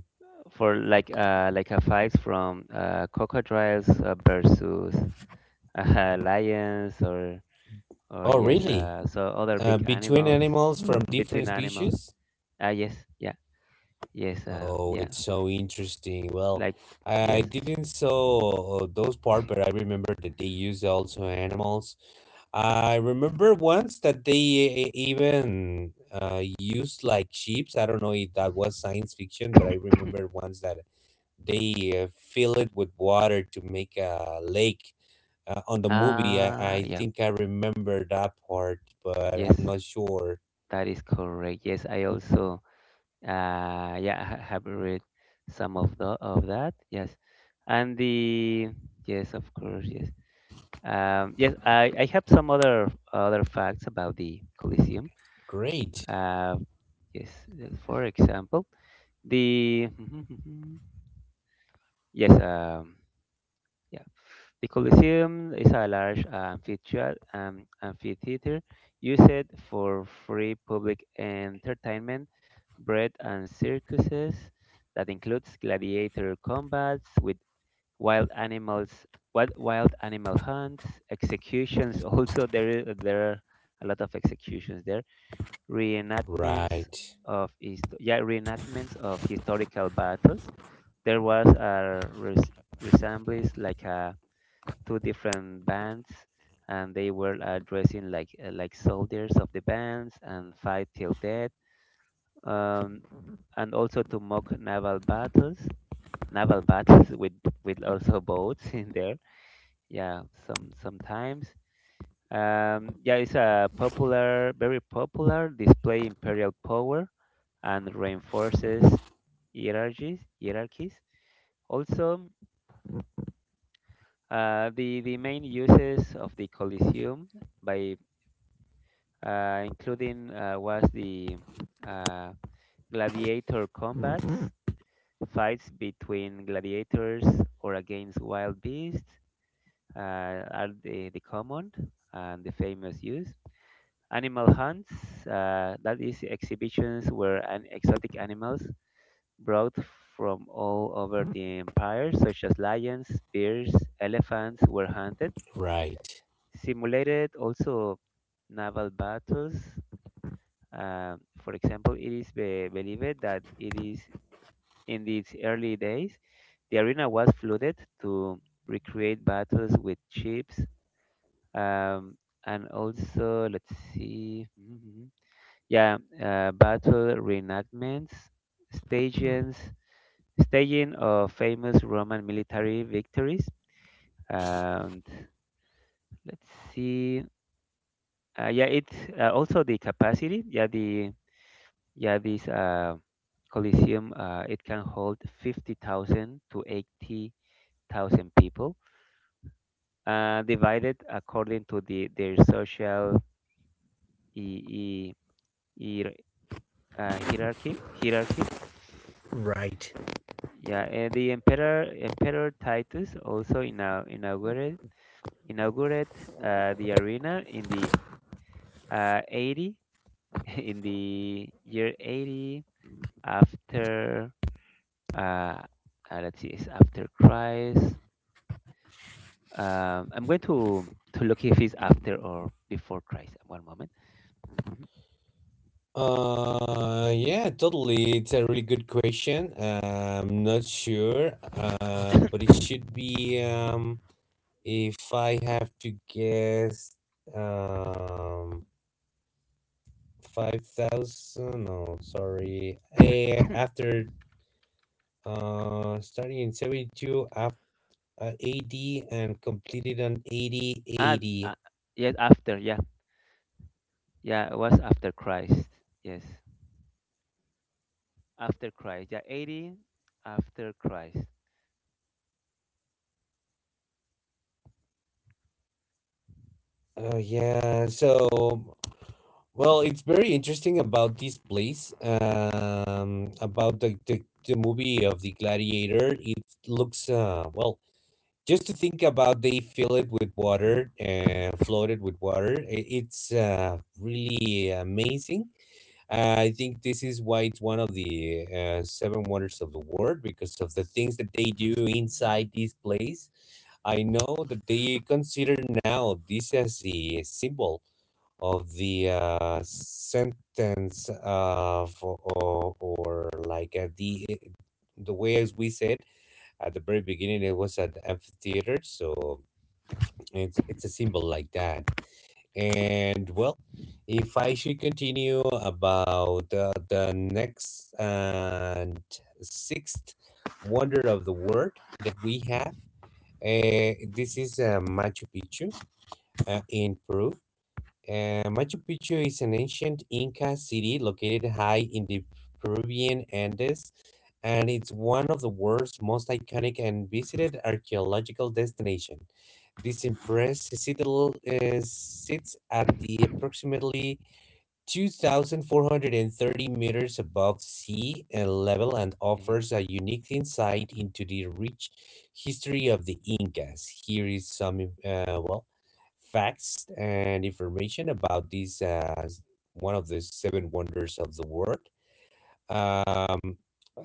for like uh like a fight from uh crocodiles uh, versus uh, *laughs* lions or Or Oh, yes, really? uh, so other Uh, big between animals, animals from Hmm. between different animals. species? Ah, yes, yeah, yes, uh, Oh, yeah, it's so interesting. Well, like yes. I didn't saw uh, those part, but I remember that they use also animals. I remember once that they e- e-, even uh, used like sheeps. I don't know if that was science fiction, but I remember once that they uh, fill it with water to make a lake. Uh, on the movie, I, Ah, I yeah, think I remember that part, but yes, I'm not sure. that is correct. Yes, I also, uh, yeah, ha- have read some of the of that. Yes, and the yes, of course, yes. Um, yes, I, I have some other other facts about the Colosseum. Great. Uh, yes, uh, for example, the *laughs* yes, um, yeah. The Colosseum is a large amphitheater, um, amphitheater used for free public entertainment, bread and circuses that includes gladiator combats with wild animals, wild, wild animal hunts, executions. *laughs* Also, there i- there are a lot of executions there, reenactments Right. of hist- yeah reenactments of historical battles. There was a res- resemblance like a two different bands, and they were uh, dressing like uh, like soldiers of the bands and fight till death. um, and also to mock naval battles, naval battles with with also boats *laughs* in there, yeah, some sometimes. Um, yeah, it's a popular very popular display imperial power and reinforces hierarchies hierarchies also. uh, the the main uses of the Colosseum by uh, including uh, was the uh, gladiator combats, fights between gladiators or against wild beasts uh, are the, the common and the famous use. Animal hunts, uh, that is exhibitions where an exotic animals brought from all over the empire, such as lions, bears, elephants, were hunted. Right. Simulated also naval battles. Um, for example, it is be- believed that it is in its early days, the arena was flooded to recreate battles with ships, um, and also let's see, *laughs* mhm, yeah, uh, battle reenactments, stages, staging of famous Roman military victories, and let's see, uh, yeah, it uh, also the capacity, yeah, the Yeah, this uh, Coliseum uh, it can hold fifty thousand to eighty thousand people, uh, divided according to the their social e- e- hier- uh, hierarchy. Hierarchy. Right. Yeah, and the emperor Emperor Titus also ina- inaugurated inaugurated uh, the arena in the uh, eighty *laughs* in the year eighty after uh, uh, let's see, it's after Christ. Um, I'm going to to look if it's after or before Christ. One moment. Mhm. Uh, yeah, totally. It's a really good question. Uh, I'm not sure. Uh, but it should be um if I have to guess um five thousand. No, sorry. Uh, after uh, starting in seventy-two af- uh, A D and completed on eighty Ah, A D. uh, yes, after. Yeah, yeah, it was after Christ. Yes, after Christ. Yeah, eighty after Christ. Oh, yeah. So, well, it's very interesting about this place, um, about the, the, the movie of the Gladiator. It looks, uh, well, just to think about they fill it with water, uh, float it with water, i- it's uh, really amazing. Uh, I think this is why it's one of the uh, seven wonders of the world because of the things that they do inside this place. I know that they consider now this as the symbol of the uh, sentence of or, or like uh, the eh, the way as we said at the very beginning, it was an amphitheater, so it's it's a symbol like that. And, well, if I should continue about uh, the next and sixth wonder of the world that we have, uh, this is uh, Machu Picchu uh, in Peru. Uh, Machu Picchu is an ancient Inca city located high in the Peruvian Andes, and it's one of the world's most iconic and visited archaeological destination. This impressive citadel uh, sits at the approximately 2,430 meters above sea uh, Oh my level and God. *laughs* offers a unique insight into the rich history of the Incas. Here is some, uh, well, facts and information about this uh, s- one of the seven wonders of the world. Um,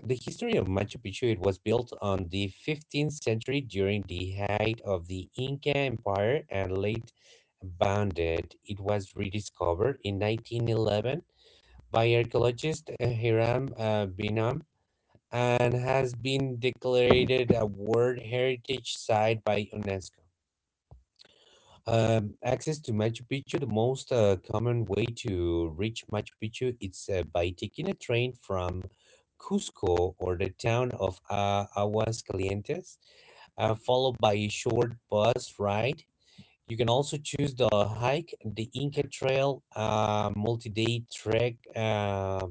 the history of Machu Picchu, it was built on the fifteenth century during the height of the Inca Empire and late abandoned. It was rediscovered in nineteen eleven by archaeologist uh, Hiram uh, Binam and has been declared a World Heritage Site by UNESCO. Um, access to Machu Picchu, the most uh, common way to reach Machu Picchu is uh, by taking a train from Cusco or the town of uh, Aguascalientes, uh, followed by a short bus ride. You can also choose the hike, the yeah. Inca Trail, a multi-day trek uh,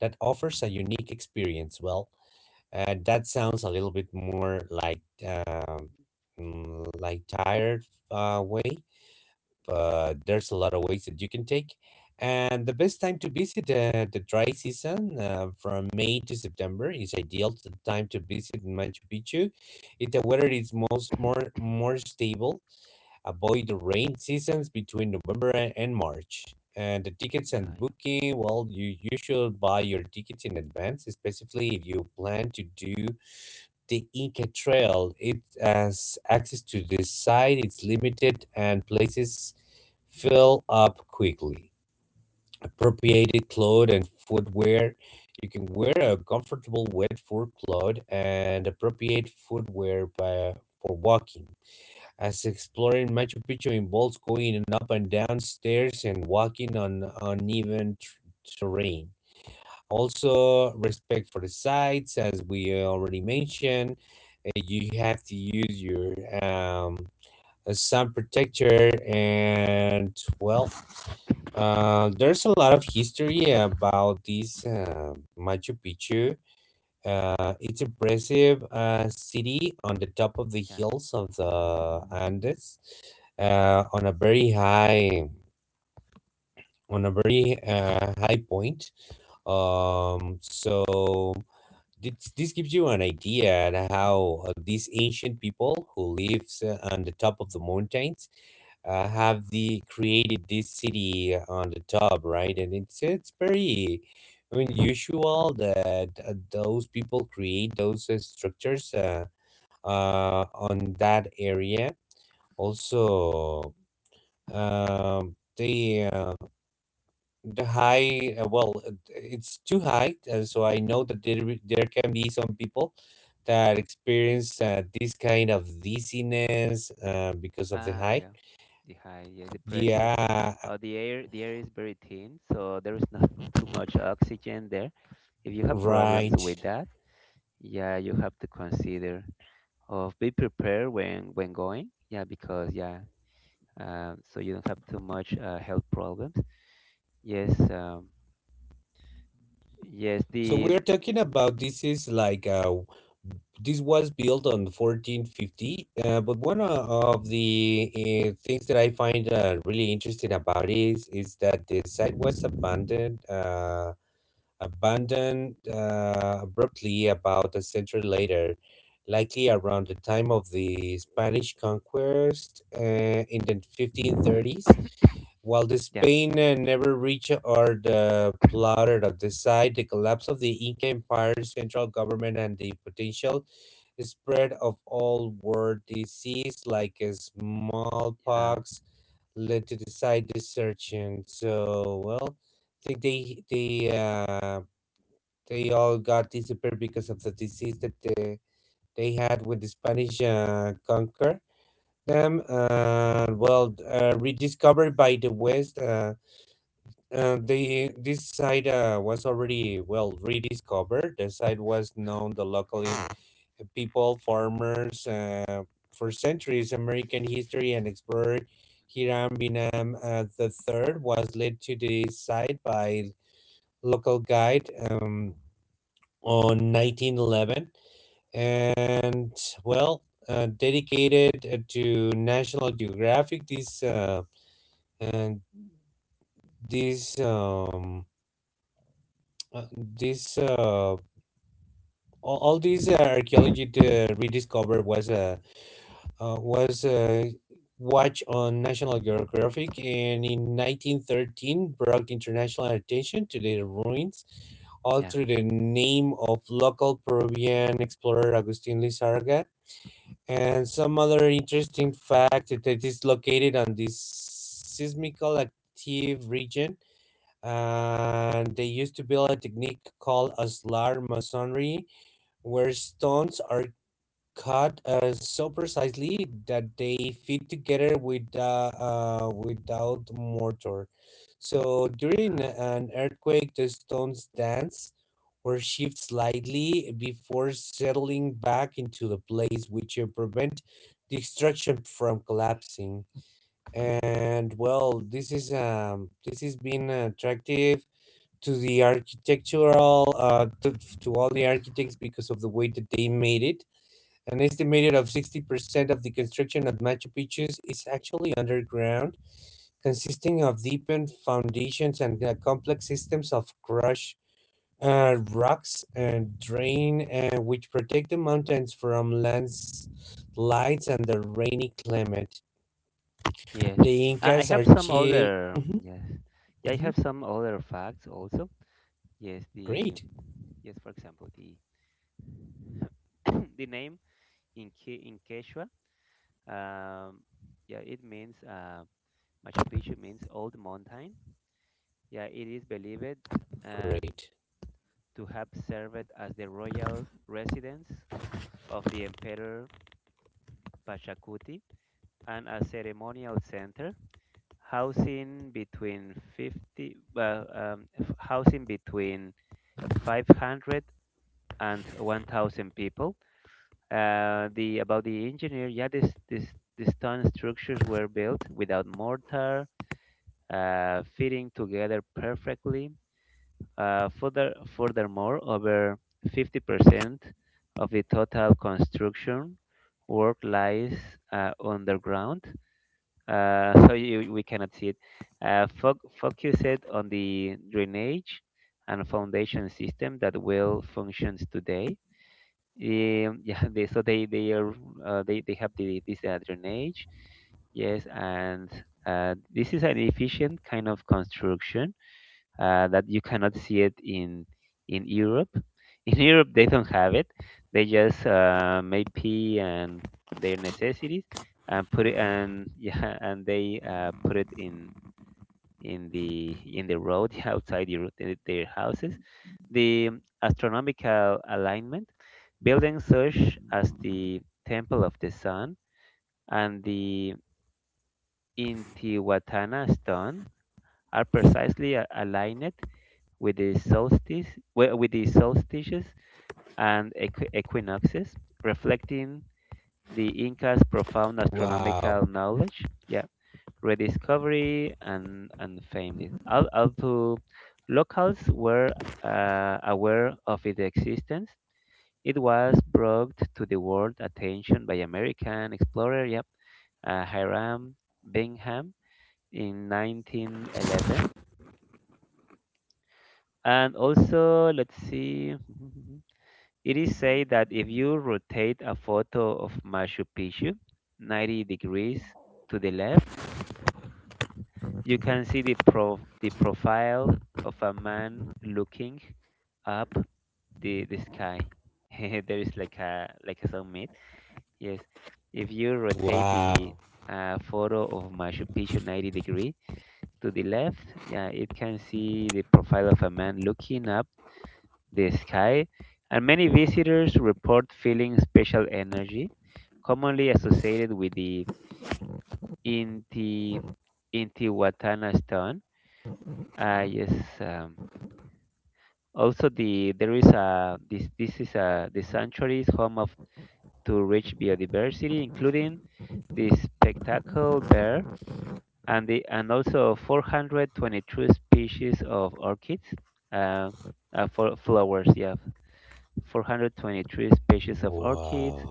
that offers a unique experience. Well, uh, that sounds a little bit more like um, mm, like tired uh, way, but there's a lot of ways that you can take. And the best time to visit, the the dry season uh, from May to September, is ideal to time to visit Machu Picchu. It's a weather is most more more stable. Avoid the rain seasons between November a- and March. And the tickets and Ah, yeah. booking, well, you you should buy your tickets in advance, especially if you plan to do the Inca Trail. It has access to the site, it's limited, and places fill up quickly. Appropriated clothes and footwear. You can wear a comfortable wet fur cloth and appropriate footwear by, for walking. As exploring Machu Picchu involves going up and down stairs and walking on uneven t- terrain. Also, respect for the sites, as we uh, already mentioned. Uh, you have to use your um, a sun protector, and, well, uh, there's a lot of history about this uh, Machu Picchu. Uh, it's impressive uh, city on the top of the Yeah. hills of the Andes, uh, on a very high on a very uh, high point. Um, so this, this gives you an idea at how uh, these ancient people who lives uh, on the top of the mountains uh, have the created this city on the top, right, and it's it's very Yes. unusual that uh, those people create those uh, structures uh, uh, on that area. Also, um, they uh, the high uh, well, uh, it's too high, uh, so I know that there, wi- there can be some people that experience uh, this kind of dizziness uh, because of the Ah, height. yeah. The high. Yeah, the pressure. Yeah. Uh, the air. The air is very thin, so there is not *laughs* too much oxygen there. If you have problems Right. with that, yeah, you have to consider. Of be prepared when when going, yeah, because yeah um, so you don't have too much uh, health problems, yes um, yes So the we're talking Mhm. about, this is like, uh, this was built on fourteen fifty, uh, but one o- of the uh, things that I find uh, really interesting about is is that the site was abandoned uh, abandoned uh, abruptly about a century later, likely around the time of the Spanish conquest uh, in the *coughs* fifteen thirties. While the *laughs* yeah Spain uh, never reached or the plotted of the site, the collapse of the Inca Empire's central government and the potential spread of all world disease like uh, uh, smallpox led to the site desertion. So, well, I think they they uh, they all got disappeared because of the disease that they, they had when the Spanish uh, conquered them. And, well, uh, rediscovered by the West. Uh, and they this site uh, was already well rediscovered. The site was known the locally people, farmers, uh, for centuries. American history and explorer Hiram Bingham uh, the third was led to the site by local guide. Um, on nineteen eleven, and, well, uh, dedicated uh, to National Geographic, this uh, and this um, uh, this uh, all, all these uh, archaeology to rediscover was a uh, was a watch on National Geographic, and in nineteen thirteen brought international attention to the ruins all yeah through the name of local Peruvian explorer Agustin Lizarraga. And some other interesting fact that it is located on this seismical active region. And they used to build a technique called Aslar masonry, where stones are cut uh, so precisely that they fit together with, uh, uh, without mortar. So during uh, an earthquake, the stones dance or shift slightly before settling back into the place, which uh, prevent the structure from collapsing. And, well, this is um, this has been attractive to the architectural, uh, to, to all the architects because of the way that they made it. An estimated of sixty percent of the construction of Machu Picchu is actually underground, consisting of deepened foundations and uh, complex systems of crushed uh, rocks and drain, uh, which protect the mountains from landslides and the rainy climate. yes, The I, I Incas have some archi. other Mhm. yes, yeah I Mhm. have some other facts also, yes the, Great. yes, for example, the *coughs* *clears throat* the name in Ke- in Quechua, um, yeah it means uh, Machu Picchu means old mountain. Yeah, it is believed uh, Great. to have served as the royal residence of the Emperor Pachacuti and a ceremonial center, housing between fifty, well, um, f- housing between five hundred and one thousand people. Uh, the about the engineer, yeah, this this these stone structures were built without mortar, uh, fitting together perfectly. Uh, further, furthermore, over fifty percent of the total construction work lies uh, underground, uh, *laughs* so you, we cannot see it. Uh, foc focused on the drainage and foundation system that well functions today. Um, *laughs* yeah, they, so they they are uh, they, they have the, this uh, drainage, yes, and uh, this is an efficient kind of construction uh, that you cannot see it in in Europe. *laughs* In Europe, they don't have it. They just uh, make pee and their necessities and put it and *laughs* yeah, and they uh, put it in in the in the road *laughs* outside the, their their houses. The astronomical alignment, building such as the Temple of the Sun and the Intihuatana stone are precisely a- aligned with the solstice wi- with the solstices and equi- equinoxes, reflecting the Inca's profound Wow. astronomical knowledge. Yeah, rediscovery and and fame. Al- Although locals were uh, aware of its existence, it was brought to the world attention by American explorer, yeah, uh, Hiram Bingham in nineteen eleven, and also let's see. *laughs* It is said that if you rotate a photo of Machu Picchu ninety degrees to the left, you can see the, pro- the profile of a man looking up the, the sky. *laughs* There is like a like a summit. Yes, if you rotate the Wow. uh, photo of Machu Picchu ninety degree to the left, yeah, it can see the profile of a man looking up the sky, and many visitors report feeling special energy, commonly associated with the Inti Intihuatana stone. Uh, yes. Um, also, the there is a this this is a the sanctuary is home of to rich biodiversity, including the spectacle bear and the and also four hundred twenty-two species of orchids. Uh, uh, for flowers, yeah, four hundred twenty-three species of orchids. Wow.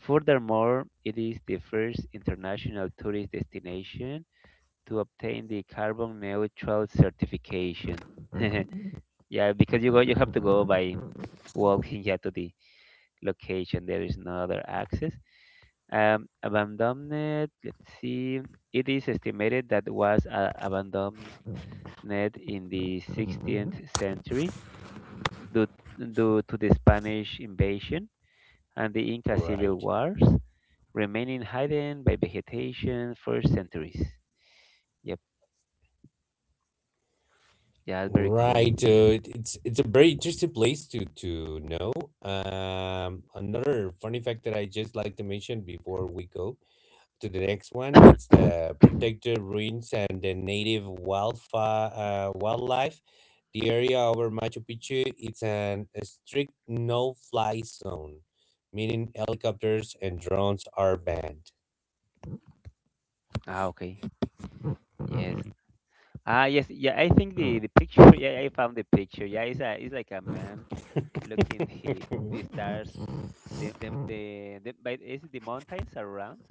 Furthermore, it is the first international tourist destination to obtain the carbon neutral certification. *laughs* Yeah, because you go, you have to go by walking *laughs* yeah, to the location. There is no other access. Um, abandoned. Let's see. It is estimated that was uh, abandoned in the sixteenth century due, due to the Spanish invasion and the Inca Right. civil wars, remaining hidden by vegetation for centuries. Yep, yeah, that's very Right. cool. Yes. Uh, it- it's it's a very interesting place to to know. Um, another funny fact that I just like to mention before we go to the next one, it's *coughs* the protected ruins and the native wildfire uh, wildlife. The area over Machu Picchu, it's an a strict no-fly zone, meaning helicopters and drones are banned. ah, okay. Yes. Ah, yes. Yeah, I think the the picture. Yeah, I found the picture. Yeah, it's a it's like a man looking *laughs* the the stars. The the the, the but is it the mountains around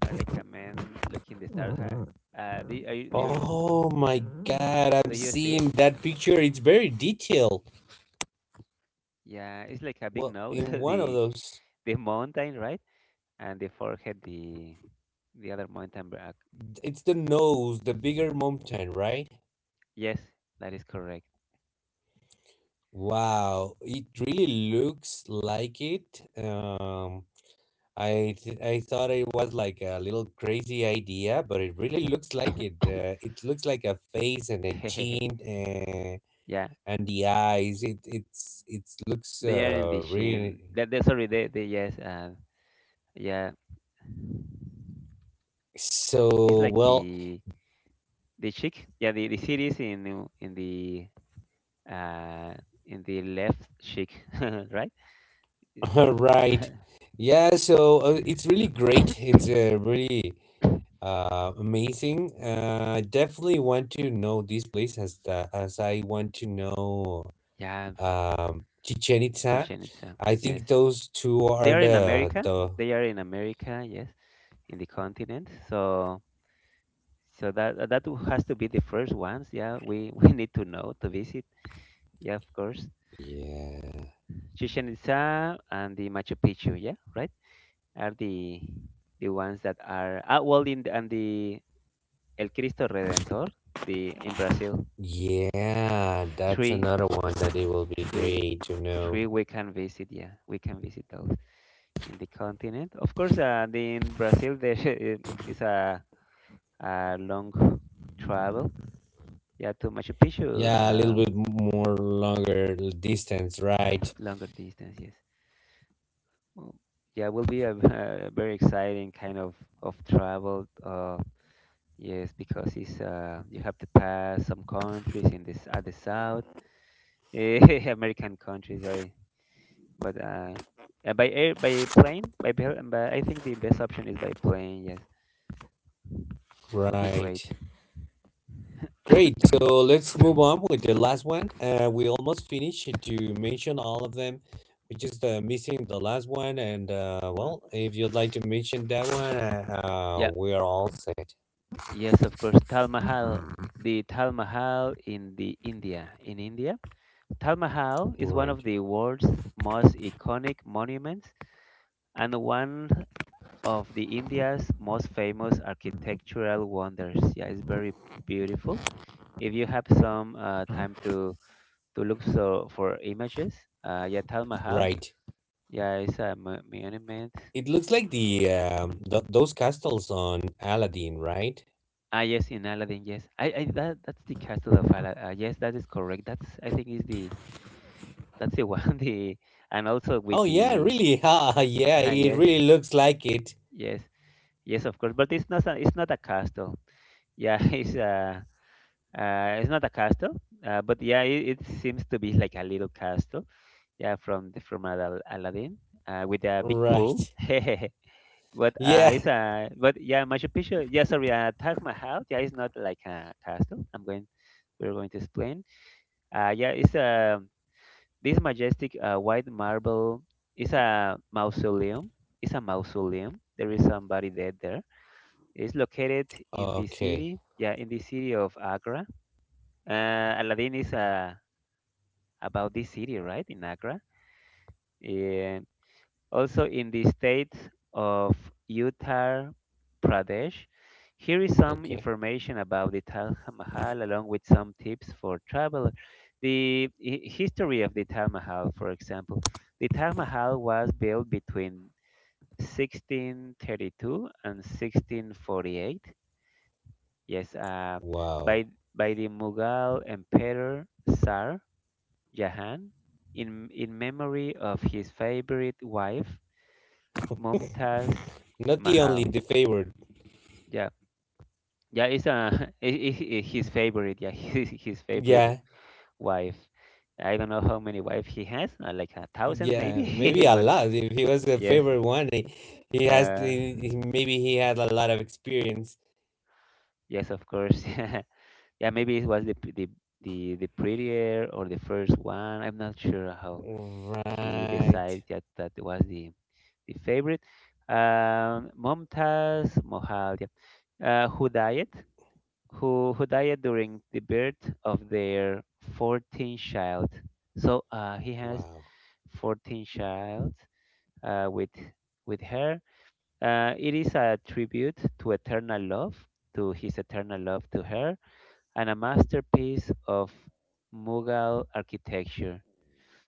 are like a man looking the stars. Ha- Uh, The are you, do, you, Oh my God, I'm do you see it? seeing that picture. It's very detailed. Yeah, it's like a big Well, nose. *laughs* in one of the those, the mountain, right? And the forehead, the the other mountain. it's the nose, the bigger mountain, right? Yes, that is correct. Wow, it really looks like it. Um, I th- I thought it was like a little crazy idea, but it really looks like it. Uh, it looks like a face and a *laughs* chin and Yeah, and the eyes. It it's it looks they are in the uh chin. really That, that sorry, they, they yes, uh, yeah, it's so like well. *laughs* the the cheek. Yeah, the, the cities in the- in the uh in the left cheek, *laughs* right? Right. *coughs* Yeah, so uh, it's really great. It's uh, really. Uh, amazing. Uh, definitely want to know this place, as the, as I want to know Yeah, um Chichen Itza. Chichen Itza. I Yes, think those two they are are in the America. the They are in America. Yes, in the continent. So so that that has to be the first ones. Yeah, we *laughs* we need to know to visit. Yeah, of course. yeah, Chichen Itza and the Machu Picchu, yeah, right? Are the the ones that are ah, well in the, and the El Cristo Redentor, the in Brazil, yeah. That's three another one that it will be three great to know. three we can visit. Yeah, we can visit those in the continent. Of course, uh, the, in Brazil there *laughs* is a, a long travel. Yeah, to Machu Picchu, Yeah, a little uh, bit more longer distance, right? longer distance. Yes. Well, yeah, will be a, *laughs* a very exciting kind of of travel. Uh, Yes, because it's uh, you have to pass some countries in this at the south, *laughs* eh, American countries. I but uh, uh, by air, by plane, by, pel- by I think the best option is by plane. Yes, will be Right. great. Great. So let's move on with the last one. Uh, we almost finished to mention all of them. We're just uh, missing the last one. And, uh, well, if you'd like to mention that one, uh, uh, Yeah, we are all set. yes, of course. Tal Mahal, the Tal Mahal in the India, in India, Tal Mahal is one Right. of the world's most iconic monuments and one of the India's most famous architectural wonders. Yeah, it's very beautiful if you have some uh, time to to look so for images, uh, yeah, Tal Mahal, Right. yeah, it's a mo- monument. It looks like the um, th- those castles on Aladdin, right? Ah, yes, in Aladdin, yes, I, I that that's the castle of Aladdin. Uh, yes, that is correct. That's I think is the that's the one *laughs* the and also with Oh yeah, the really? *laughs* Ha! Yeah, *laughs* ah, it yes, really looks like it. yes, yes, of course. But it's not a, it's not a castle. Yeah, *laughs* it's a uh, it's not a castle. Uh, but yeah, it, it seems to be like a little castle. Yeah, from the, from Ala- Aladdin uh, with a big pool. Right. *laughs* But uh, Yeah. it's uh, but yeah, Machu Picchu. Yeah, sorry, uh, Taj Mahal. Yeah, it's not like a castle. I'm going. We're going to explain. Uh, yeah, it's a this majestic uh, white marble. It's a mausoleum. It's a mausoleum. There is somebody dead there. It's located in the Okay. city. Yeah, in the city of Agra. Uh, Aladdin is uh, about this city, right? In Agra, also in the state of Uttar Pradesh. Here is some Okay. information about the Taj Mahal along with some tips for travel. The hi- history of the Taj Mahal, for example, the Taj Mahal was built between sixteen thirty-two and sixteen forty-eight. Yes, uh, Wow. by by the Mughal Emperor Sar Jahan in in memory of his favorite wife Mumtaz *laughs* Not the only Mahal. the favorite. Yeah, yeah, it's a *laughs* it's his favorite. Yeah, *laughs* his his favorite Yeah. wife. I don't know how many wives he has, uh, like a thousand Yeah, maybe maybe. *laughs* a but lot. If he was a yes, favorite one, he, he has to, yeah, he- maybe he had a lot of experience. yes, of course. *laughs* Yeah, maybe it was the p- the the the prettier or the first one. I'm not sure how he Right. decided that that was the the favorite. Um, Mumtaz Mahal. Yeah. Uh, who died? who, who died during the birth of their fourteenth child. So uh, he has Wow. fourteen child uh, with, with her. Uh, it is a tribute to eternal love, to his eternal love to her, and a masterpiece of Mughal architecture.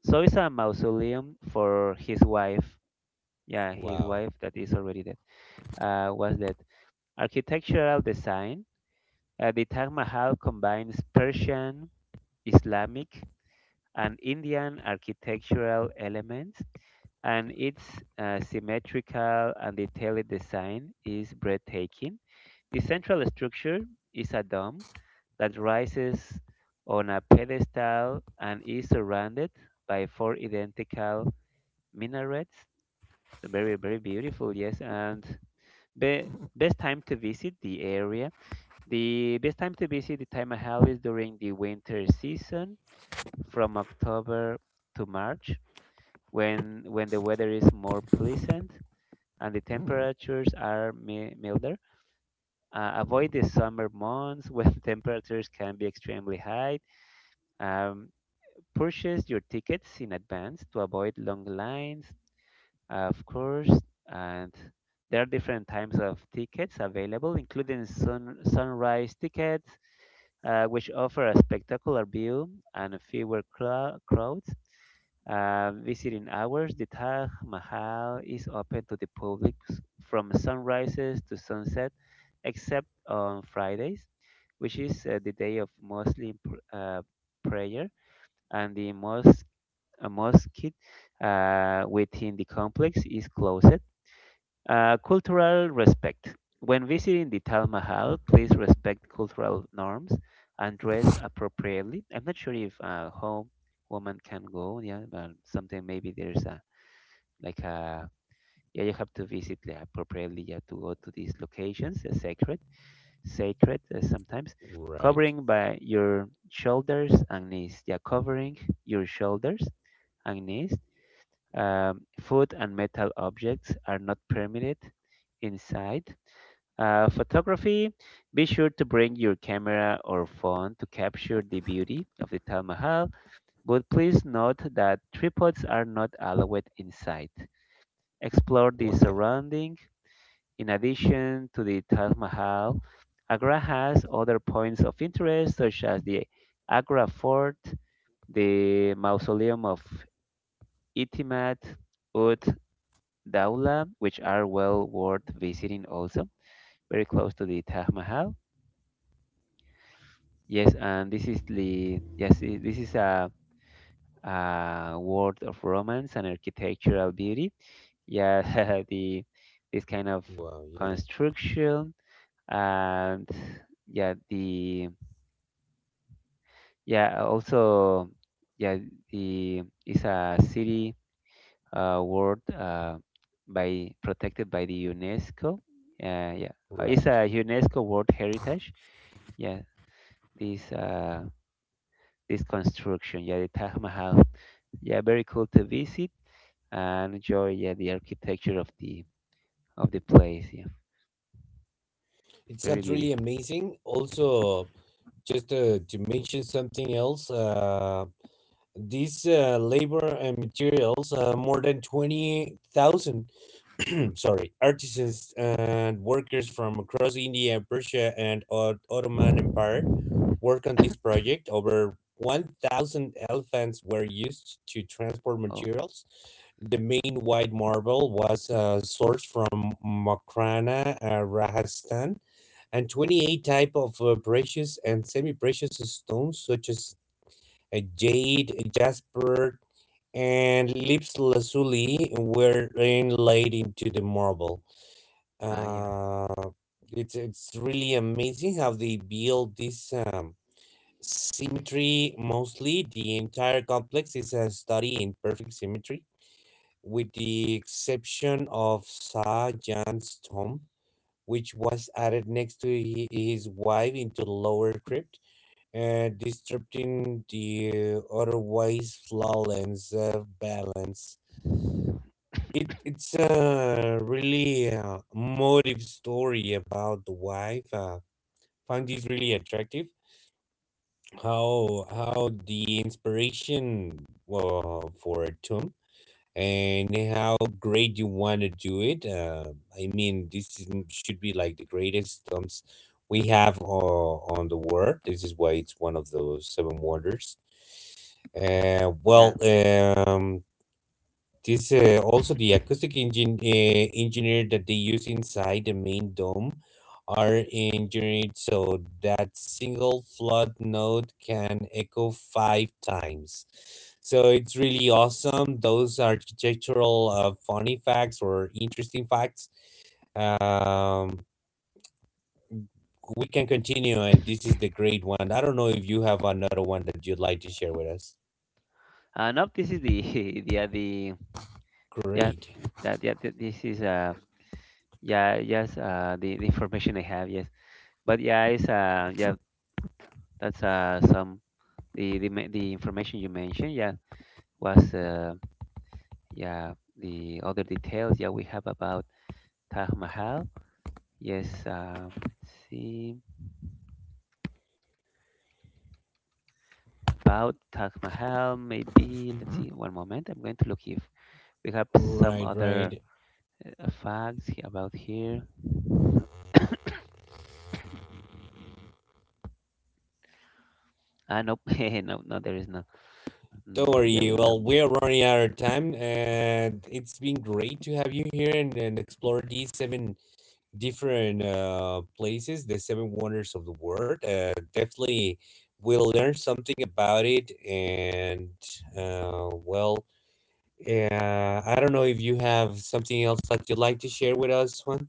So it's a mausoleum for his wife. Yeah, his Wow. wife that is already dead. Uh, was that architectural design? Uh, the Taj Mahal combines Persian, Islamic and Indian architectural elements, and its uh, symmetrical and detailed design is breathtaking. The central structure is a dome that rises on a pedestal and is surrounded by four identical minarets. So very, very beautiful, yes. And be- best time to visit the area. The best time to visit the Taj Mahal is during the winter season from October to March when when the weather is more pleasant and the temperatures are mi- milder. Uh, avoid the summer months when *laughs* temperatures can be extremely high. Um, purchase your tickets in advance to avoid long lines, uh, of course, and there are different types of tickets available, including sun, sunrise tickets, uh, which offer a spectacular view and fewer clou- crowds. Uh, visiting hours. The Taj Mahal is open to the public s- from sunrises to sunset, except on Fridays, which is uh, the day of mostly pr- uh, prayer, and the mosque, uh, mosque uh, within the complex is closed. Uh, cultural respect. When visiting the Taj Mahal, please respect cultural norms and dress appropriately. I'm not sure if a home woman can go, yeah, but something maybe there's a like a yeah, you have to visit, yeah, appropriately, yeah, to go to these locations, uh, sacred, sacred uh, sometimes. Right. Covering by your shoulders and knees, yeah, covering your shoulders and knees. Um, food and metal objects are not permitted inside. Uh, photography, be sure to bring your camera or phone to capture the beauty of the Taj Mahal, but please note that tripods are not allowed inside. Explore the Why? surrounding. In addition to the Taj Mahal, Agra has other points of interest such as the Agra Fort, the Mausoleum of Itimat ud Daula, which are well worth visiting also, very close to the Taj Mahal. Yes, and this is the yes, i- this is a, a world of romance and architectural beauty. Yeah, *laughs* the this kind of Wow, yeah. construction and yeah, the yeah also yeah the it's a city uh, world uh, by protected by the UNESCO. Uh, yeah, Uh, it's Right. a UNESCO World Heritage. Yeah, this uh, this construction. Yeah, the Taj Mahal. Yeah, very cool to visit and enjoy. Yeah, the architecture of the of the place. Yeah, It very sounds really beautiful. amazing. Also, just uh, to mention something else, uh, these uh, labor and materials, uh, more than twenty thousand. *clears throat* Sorry, artisans and workers from across India, Persia, and Ot- Ottoman Empire worked on this project. Over one thousand elephants were used to transport Oh, materials. The main white marble was uh, sourced from Makrana, uh, Rajasthan, and twenty-eight type of uh, precious and semi-precious stones such as uh, jade, jasper, and lips lazuli were inlaid into the marble. ah, yeah, Uh, it's it's really amazing how they build this um, symmetry. Mostly, the entire complex is a study in perfect symmetry, with the exception of Sa Jan's tomb, which was added next to hi- his wife into the lower crypt. Uh, disrupting the otherwise flawless uh, balance. It it's a really uh, motive story about the wife. Uh, found this really attractive. How how the inspiration, well, for a tomb and how great you want to do it. Uh, I mean, this is, mm, should be like the greatest tombs we have uh, on the world. This is why it's one of the seven wonders. Uh, yeah. Well, um, this uh, also the acoustic engine uh, engineer that they use inside the main dome are engineered so that single flood note can echo five times. So it's really awesome. Those architectural uh, funny facts or interesting facts. Um, we can continue, and this is the great one. I don't know if you have another one that you'd like to share with us. Uh, no, this is the *laughs* yeah the Great. yeah that yeah th- this is uh yeah yes uh the, the information I have yes. But yeah, it's uh yeah that's uh some the the ma- the information you mentioned yeah was uh yeah the other details yeah we have about Taj Mahal. Yes, um, let's see. About Taj Mahal. Maybe let's see. One moment. I'm going to look if we have some Right, right. other uh, facts he- about here. Ah, nope. *laughs* No, no, there is no. Don't Mm, yeah, we worry. don't have Well, more. we are running out of time, and it's been great to have you here, and, and, explore these seven different uh, places, the seven wonders of the world. Uh, definitely, we'll learn something about it. And, uh, well, uh, I don't know if you have something else that you'd like to share with us, Juan.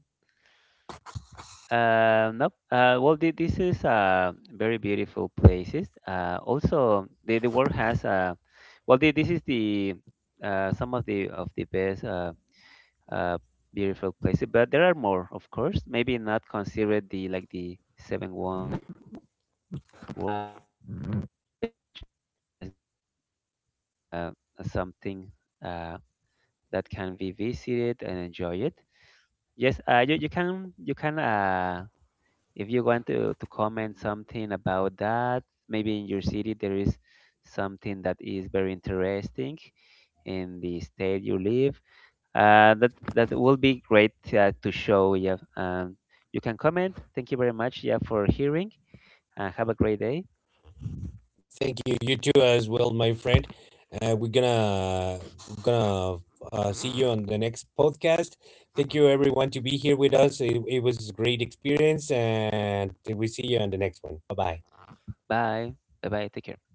Uh, nope. Uh, well, thi- this is uh, very beautiful places. Uh, also, the, the world has uh, well, thi- this is the uh, some of the of the best uh, uh, beautiful places, but there are more, of course. Maybe not considered the like the seven wonders of the world. Uh, but um, yeah, each country has their uh, something uh, that can be visited and enjoy it. Yes, uh, you, you can you can uh, if you want to, to comment something about that, maybe in your city there is something that is very interesting in the state you live. Uh, that that will be great uh, to show. Yeah, um, you can comment. Thank you very much. Yeah, for hearing. Uh, have a great day. Thank you. You too, as well, my friend. Uh, we're gonna we're gonna uh, see you on the next podcast. Thank you, everyone, to be here with us. It, it was a great experience, and we see you on the next one. Bye bye. Bye. Bye bye. Take care.